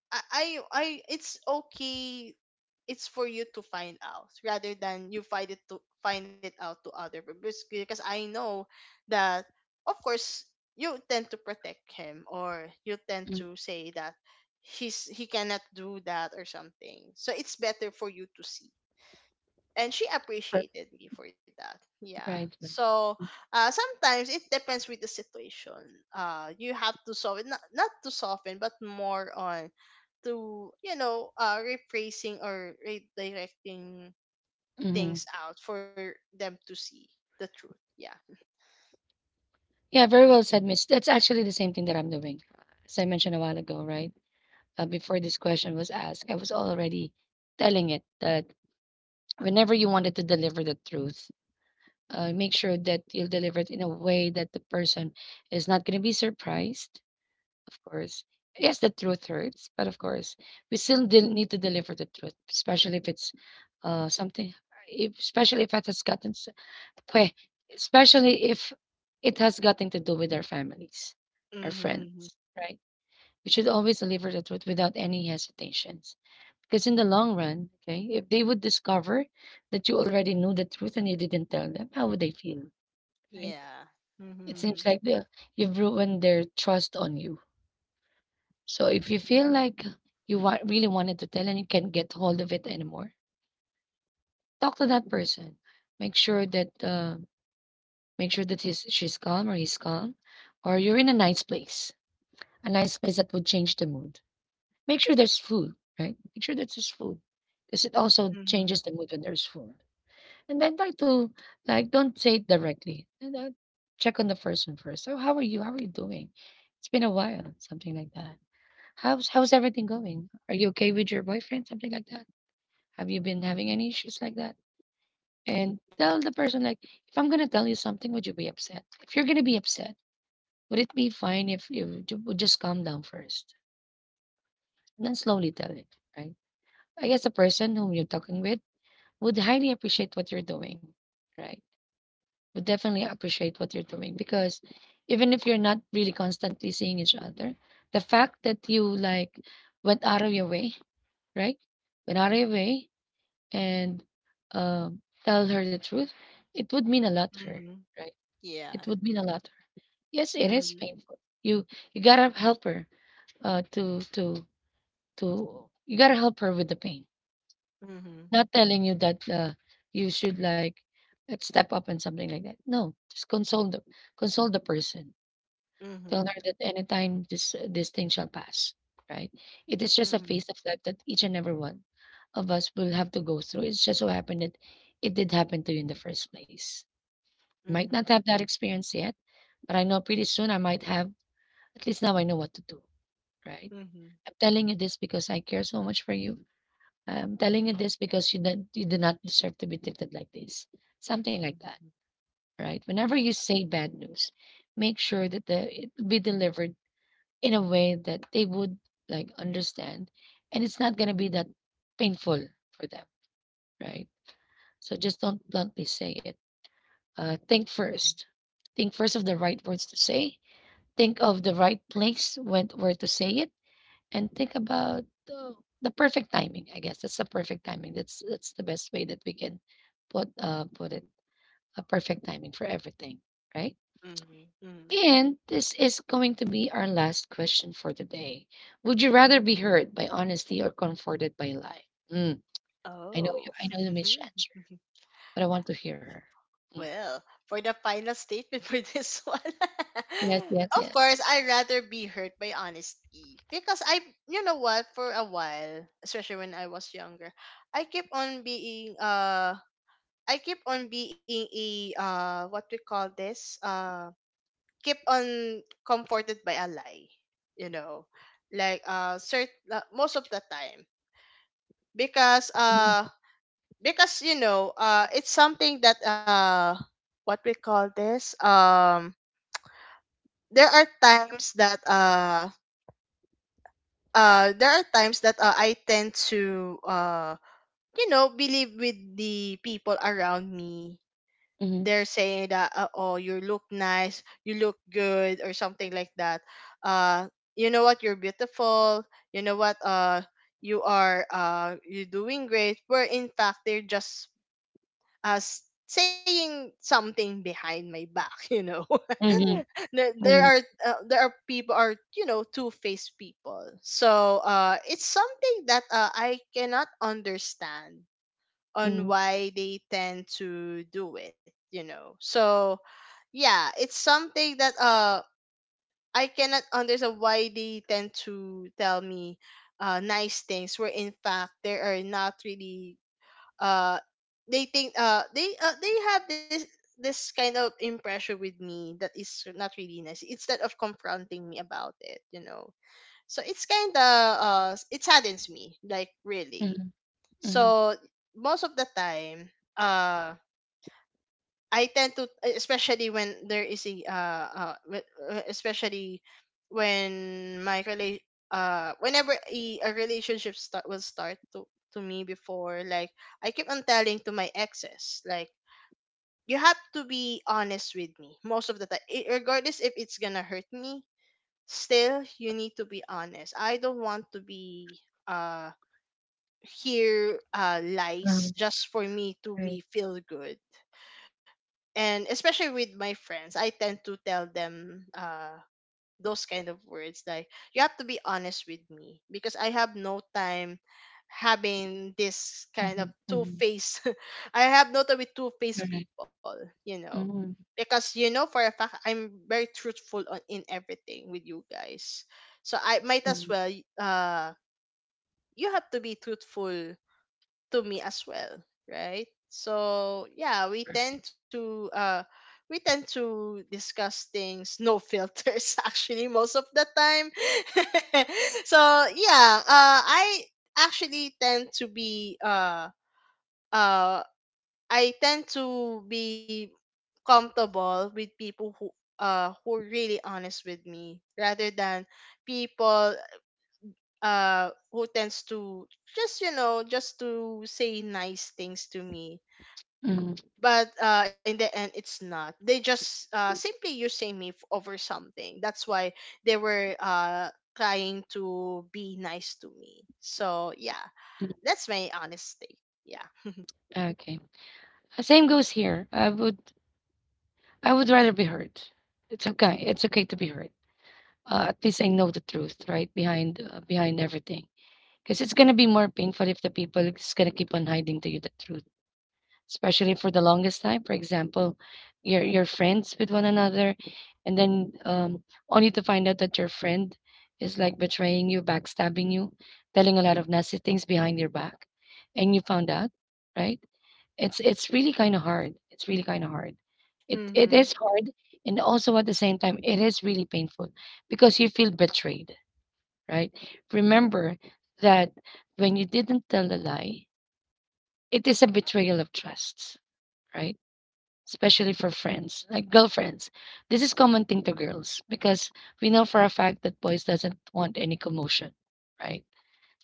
Speaker 2: I it's okay, it's for you to find out rather than you find it to find it out to other people, because I know that, of course, you tend to protect him or you tend
Speaker 1: Mm,
Speaker 2: to say that he cannot do that or something. So it's better for you to see. And she
Speaker 1: per-
Speaker 2: appreciated me for that. Yeah.
Speaker 1: Right, right.
Speaker 2: So sometimes it depends with the situation. You have to soften, not to soften, but more on to, you know, rephrasing or redirecting
Speaker 1: Mhm.
Speaker 2: things out for them to see the truth. Yeah.
Speaker 1: Yeah, very well said, Miss. That's actually the same thing that I'm doing. As I mentioned a while ago, right? Before this question was asked, I was already telling it that whenever you wanted to deliver the truth, make sure that you'll deliver it in a way that the person is not going to be surprised. Of course. Yes, the truth hurts, but of course, we still del- need to deliver the truth, especially if it's something, if, especially if it has gotten, s- pwe- especially if it has gotten to do with our families, our
Speaker 2: Mm-hmm.
Speaker 1: friends, right? We should always deliver the truth without any hesitations, because in the long run, okay, if they would discover that you already knew the truth and you didn't tell them, how would they feel, right?
Speaker 2: Yeah.
Speaker 1: It seems
Speaker 2: Mm-hmm.
Speaker 1: like the, you've ruined their trust on you. So if you feel like you want, really wanted to tell and you can't get hold of it anymore, talk to that person. Make sure that uh, make sure that he's she's calm or he's calm, or you're in a nice place that would change the mood. Make sure there's food, right? Make sure that there's food, because it also
Speaker 2: Mm-hmm.
Speaker 1: changes the mood when there's food. And then try to like don't say it directly. And then check on the person first. So how are you? How are you doing? It's been a while, something like that. How's how's everything going? Are you okay with your boyfriend? Something like that. Have you been having any issues like that? And tell the person like, if I'm gonna tell you something, would you be upset? If you're gonna be upset, would it be fine if you ju- would just calm down first and then slowly tell it, right? I guess the person whom you're talking with would highly appreciate what you're doing, right? Would definitely appreciate what you're doing because even if you're not really constantly seeing each other, the fact that you like went out of your way, right? Went out of your way and tell her the truth, it would mean a lot to her,
Speaker 2: Mm-hmm.
Speaker 1: right? It
Speaker 2: Yeah.
Speaker 1: would mean a lot to her. Yes, it is
Speaker 2: Mm-hmm.
Speaker 1: painful. You gotta help her uh, to to to you gotta help her with the pain.
Speaker 2: Mm-hmm.
Speaker 1: Not telling you that you should step up and something like that. No, just console the person. Tell
Speaker 2: Mm-hmm.
Speaker 1: her that anytime this thing shall pass, right? It is just a
Speaker 2: Mm-hmm.
Speaker 1: phase of life that each and every one of us will have to go through. It's just so happened that it did happen to you in the first place. Might
Speaker 2: Mm-hmm.
Speaker 1: not have that experience yet, but I know pretty soon I might have. At least now I know what to do, right?
Speaker 2: Mm-hmm.
Speaker 1: I'm telling you this because I care so much for you. I'm telling you this because you do not deserve to be treated like this. Something like
Speaker 2: Mm-hmm.
Speaker 1: that, right?
Speaker 2: Yeah.
Speaker 1: Whenever you say bad news, make sure that the it be delivered in a way that they would like understand, and it's not going to be that painful for them, right? So just don't bluntly say it. Think first, think first of the right words to say, think of the right place when where to say it, and think about the perfect timing. I guess that's the perfect timing, that's the best way that we can put, put it, a perfect timing for everything, right?
Speaker 2: Mm-hmm. Mm-hmm.
Speaker 1: And this is going to be our last question for today. Would you rather be hurt by honesty or comforted by lie? Mm, I know you.
Speaker 2: Oh.
Speaker 1: I know the Mitch answer, but I want to hear her. Mm.
Speaker 2: Well, for the final statement for this one,
Speaker 1: Yes, yes,
Speaker 2: of course,
Speaker 1: yes.
Speaker 2: I'd rather be hurt by honesty, because I, you know what, for a while, especially when I was younger, I keep on being, uh, I keep on being a, what we call this, keep on comforted by a lie, you know, like, most of the time, because,
Speaker 1: Mm-hmm.
Speaker 2: uh, because you know, it's something that, what we call this there are times that, I tend to, you know, believe with the people around me,
Speaker 1: Mm-hmm.
Speaker 2: they're saying that, oh you look nice, you look good or something like that. uh you know what, you're beautiful, you know what, you're doing great, where in fact they're just as saying something behind my back. You know. There
Speaker 1: Mm-hmm.
Speaker 2: are, there are people are, you know, two-faced people. So it's something that, I cannot understand on
Speaker 1: Mm-hmm.
Speaker 2: why they tend to do it, you know. So yeah, it's something that I cannot understand why they tend to tell me nice things, where in fact they are not really, uh they have this kind of impression with me that is not really nice, instead of confronting me about it, you know. So it's kind of, it saddens me, like, really.
Speaker 1: Mm-hmm. Mm-hmm.
Speaker 2: So most of the time, uh I tend to, especially when there is a, especially when whenever a relationship start to me before, like, I keep on telling to my exes like, you have to be honest with me most of the time, regardless if it's gonna hurt me. Still, you need to be honest. I don't want to be uh hear
Speaker 1: Um,
Speaker 2: lies just for me to
Speaker 1: right.
Speaker 2: be feel good. And especially with my friends, I tend to tell them, those kind of words like, you have to be honest with me, because I have no time having this
Speaker 1: Mm-hmm.
Speaker 2: kind of
Speaker 1: Mm-hmm.
Speaker 2: two-faced. I have no time with two-faced
Speaker 1: All.
Speaker 2: people, you know.
Speaker 1: Hmm.
Speaker 2: Because you know for a fact, I'm very truthful on, in everything with you guys. So I might
Speaker 1: Mm-hmm.
Speaker 2: as well, uh you have to be truthful to me as well, right? So yeah,
Speaker 1: Perfect.
Speaker 2: we tend to discuss things, no filters, actually, most of the time. So yeah, actually tend to be uh uh I tend to be comfortable with people who, who are really honest with me rather than people, who tends to just, you know, just to say nice things to me.
Speaker 1: Mm-hmm.
Speaker 2: But, in the end it's not, they just, simply using me over something. That's why they were, trying to be nice to me. So yeah,
Speaker 1: Mm-hmm.
Speaker 2: that's my honest take. Yeah.
Speaker 1: Okay. Same goes here. I would. I would rather be hurt. It's okay. It's okay to be hurt. At least I know the truth, right? Behind behind everything. 'Cause it's gonna be more painful if the people is gonna keep on hiding to you the truth, especially for the longest time. For example, you're friends with one another, and then only to find out that your friend is like betraying you, backstabbing you, telling a lot of nasty things behind your back, and you found out, right? It's really kind of hard. It's really kind of hard. It
Speaker 2: Mhm.
Speaker 1: is hard, and also at the same time, it is really painful because you feel betrayed, right? Remember that when you didn't tell a lie, it is a betrayal of trust, right? Especially for friends, like girlfriends. This is common thing to girls because we know for a fact that boys doesn't want any commotion, right?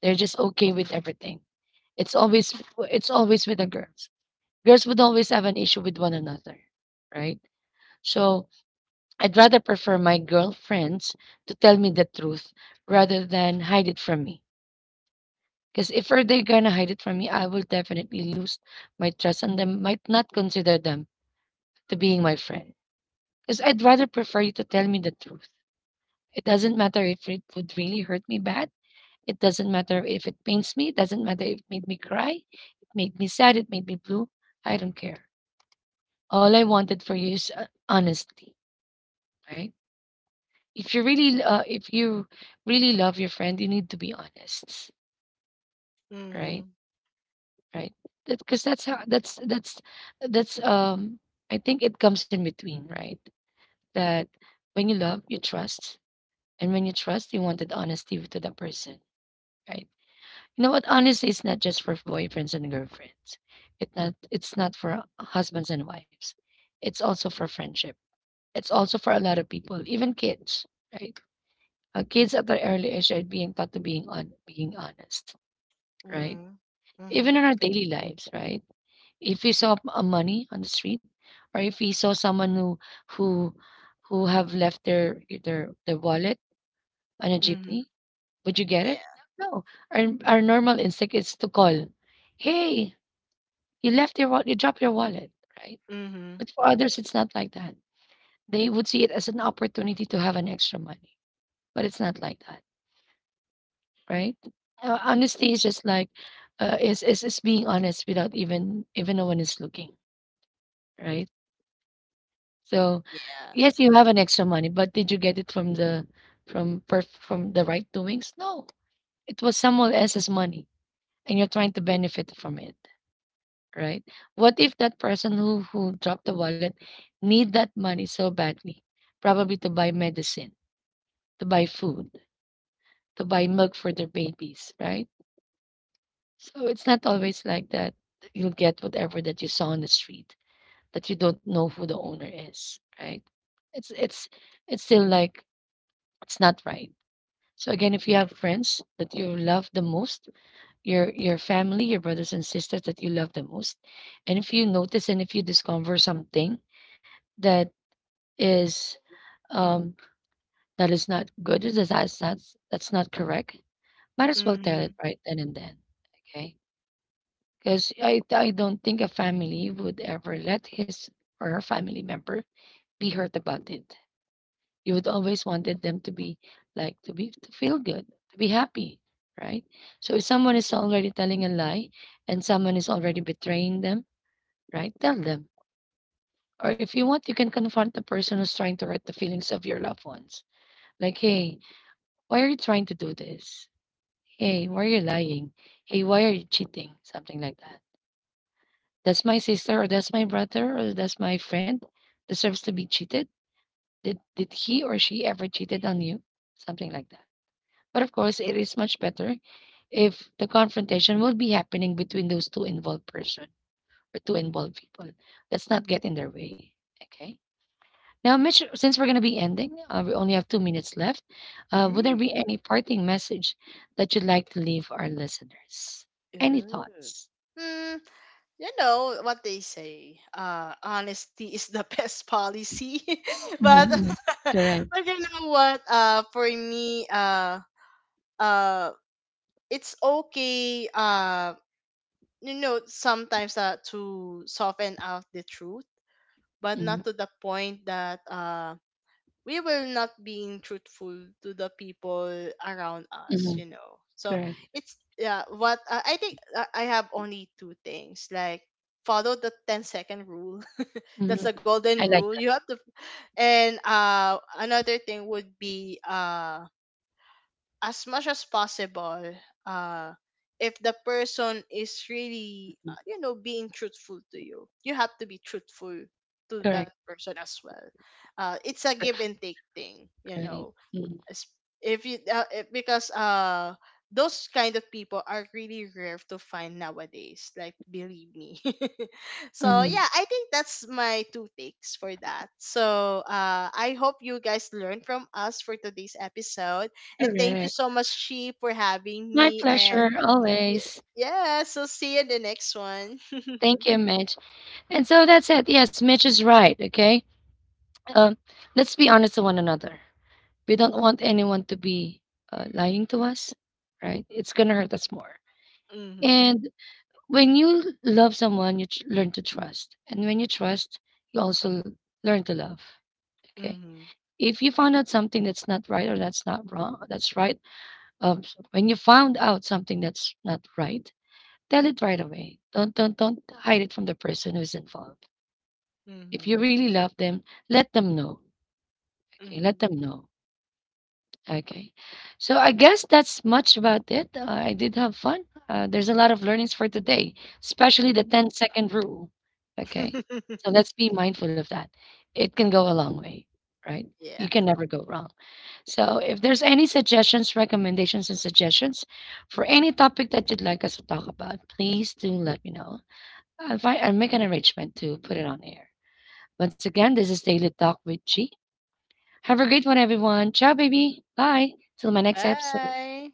Speaker 1: They're just okay with everything. It's always it's always with the girls. Girls would always have an issue with one another, right? So I'd rather prefer my girlfriends to tell me the truth rather than hide it from me. Because if they're gonna hide it from me, I will definitely lose my trust and then might not consider them to being my friend. Because I'd rather prefer you to tell me the truth. It doesn't matter if it would really hurt me bad. It doesn't matter if it pains me. It doesn't matter if it made me cry. It made me sad. It made me blue. I don't care. All I wanted for you is honesty, right? If you really love your friend, you need to be honest, right?
Speaker 2: Mhm.
Speaker 1: Right? Because that's how that's I think it comes in between, right? That when you love, you trust, and when you trust, you wanted honesty to the person, right? You know what? Honesty is not just for boyfriends and girlfriends. It not it's not for husbands and wives. It's also for friendship. It's also for a lot of people, even kids, right? Kids at their early age are being taught to being on being honest, right?
Speaker 2: Mhm.
Speaker 1: Even
Speaker 2: Mhm.
Speaker 1: in our daily lives, right? If we saw money on the street, or if we saw someone who who have left their wallet on a
Speaker 2: Mhm.
Speaker 1: jeepney, would you get it?
Speaker 2: Yeah.
Speaker 1: No. Our normal instinct is to call, "Hey, you left your wallet. You dropped your wallet, right?" But
Speaker 2: Mhm.
Speaker 1: for others, it's not like that. They would see it as an opportunity to have an extra money, but it's not like that, right? Honesty is just like, is being honest without even no one is looking, right? So,
Speaker 2: Yeah.
Speaker 1: yes, you have an extra money, but did you get it from from the right doings? No, it was someone else's money, and you're trying to benefit from it, right? What if that person who dropped the wallet need that money so badly, probably to buy medicine, to buy food, to buy milk for their babies, right? So it's not always like that. You'll get whatever that you saw on the street that you don't know who the owner is, right? It's it's it's still like, it's not right. So again, if you have friends that you love the most, your family, your brothers and sisters that you love the most, and if you notice and if you discover something that is um that is not good, that's not, that's not correct, might as well tell it right then and then. Okay. Because I don't think a family would ever let his or her family member be hurt about it. You would always wanted them to be like to be to feel good, to be happy, right? So if someone is already telling a lie and someone is already betraying them, right? Tell them. Or if you want, you can confront the person who's trying to hurt the feelings of your loved ones. Like, hey, why are you trying to do this? Hey, why are you lying? Hey, why are you cheating? Something like that. That's my sister, or that's my brother, or that's my friend deserves to be cheated. Did he or she ever cheated on you? Something like that. But of course, it is much better if the confrontation will be happening between those two involved person or two involved people. Let's not get in their way. Okay. Now, Mitch, since we're going to be ending, we only have 2 minutes left. Would there be
Speaker 2: Mhm.
Speaker 1: any parting message that you'd like to leave our listeners? Any
Speaker 2: Ooh.
Speaker 1: thoughts?
Speaker 2: Hmm. You know what they say, honesty is the best policy,
Speaker 1: Mhm,
Speaker 2: but
Speaker 1: mhm. Correct.
Speaker 2: but you know what, for me, uh it's okay, you know, sometimes to soften out the truth, but
Speaker 1: Mhm,
Speaker 2: not to the point that we will not being truthful to the people around us,
Speaker 1: mhm.
Speaker 2: you know. So
Speaker 1: Correct.
Speaker 2: it's yeah what, I think, I have only two things, like follow the 10 second rule.
Speaker 1: Mhm.
Speaker 2: That's the
Speaker 1: I
Speaker 2: golden
Speaker 1: like
Speaker 2: rule,
Speaker 1: that.
Speaker 2: you have to. And another thing would be, uh, as much as possible, uh, if the person is really, you know, being truthful to you, you have to be truthful to
Speaker 1: Correct.
Speaker 2: that person as well. It's a give and take thing, you
Speaker 1: Right.
Speaker 2: know.
Speaker 1: Mhm,
Speaker 2: As- if you, because, uh, those kind of people are really rare to find nowadays. Like, believe me. So
Speaker 1: mhm.
Speaker 2: yeah, I think that's my two takes for that. So, I hope you guys learned from us for today's episode, and thank you
Speaker 1: Correct.
Speaker 2: so much, She, for having
Speaker 1: My
Speaker 2: me. And
Speaker 1: pleasure,
Speaker 2: y-
Speaker 1: always.
Speaker 2: yeah, so see you in the next one.
Speaker 1: Thank you, Mitch. And so that's it. Yes, Mitch is right. Okay. Um, let's be honest to one another. We don't want anyone to be lying to us, right? It's going to hurt us more.
Speaker 2: Mm-hmm.
Speaker 1: And when you love someone, learn to trust. And when you trust, you also learn to love. Okay.
Speaker 2: Mm-hmm.
Speaker 1: If you found out something that's not right or that's not wrong, that's right. When you found out something that's not right, tell it right away. Don't hide it from the person who's involved. If
Speaker 2: Mm-hmm.
Speaker 1: you really love them, let them know. Okay, let them know. Okay. So I guess that's much about it. I did have fun. There's a lot of learnings for today, especially the
Speaker 2: Mm-hmm.
Speaker 1: ten-second rule. Okay. So
Speaker 2: Mm-hmm.
Speaker 1: let's be mindful of that. It can go a long way, right?
Speaker 2: Yeah.
Speaker 1: You can never go wrong. So if there's any suggestions, recommendations, and suggestions for any topic that you'd like us to talk about, please do let me know. I'll, find, I'll make an arrangement to put it on air. Once again, this is Daily Talk with G. Have a great one, everyone. Ciao, baby. Bye. Till my next episode.
Speaker 2: Bye.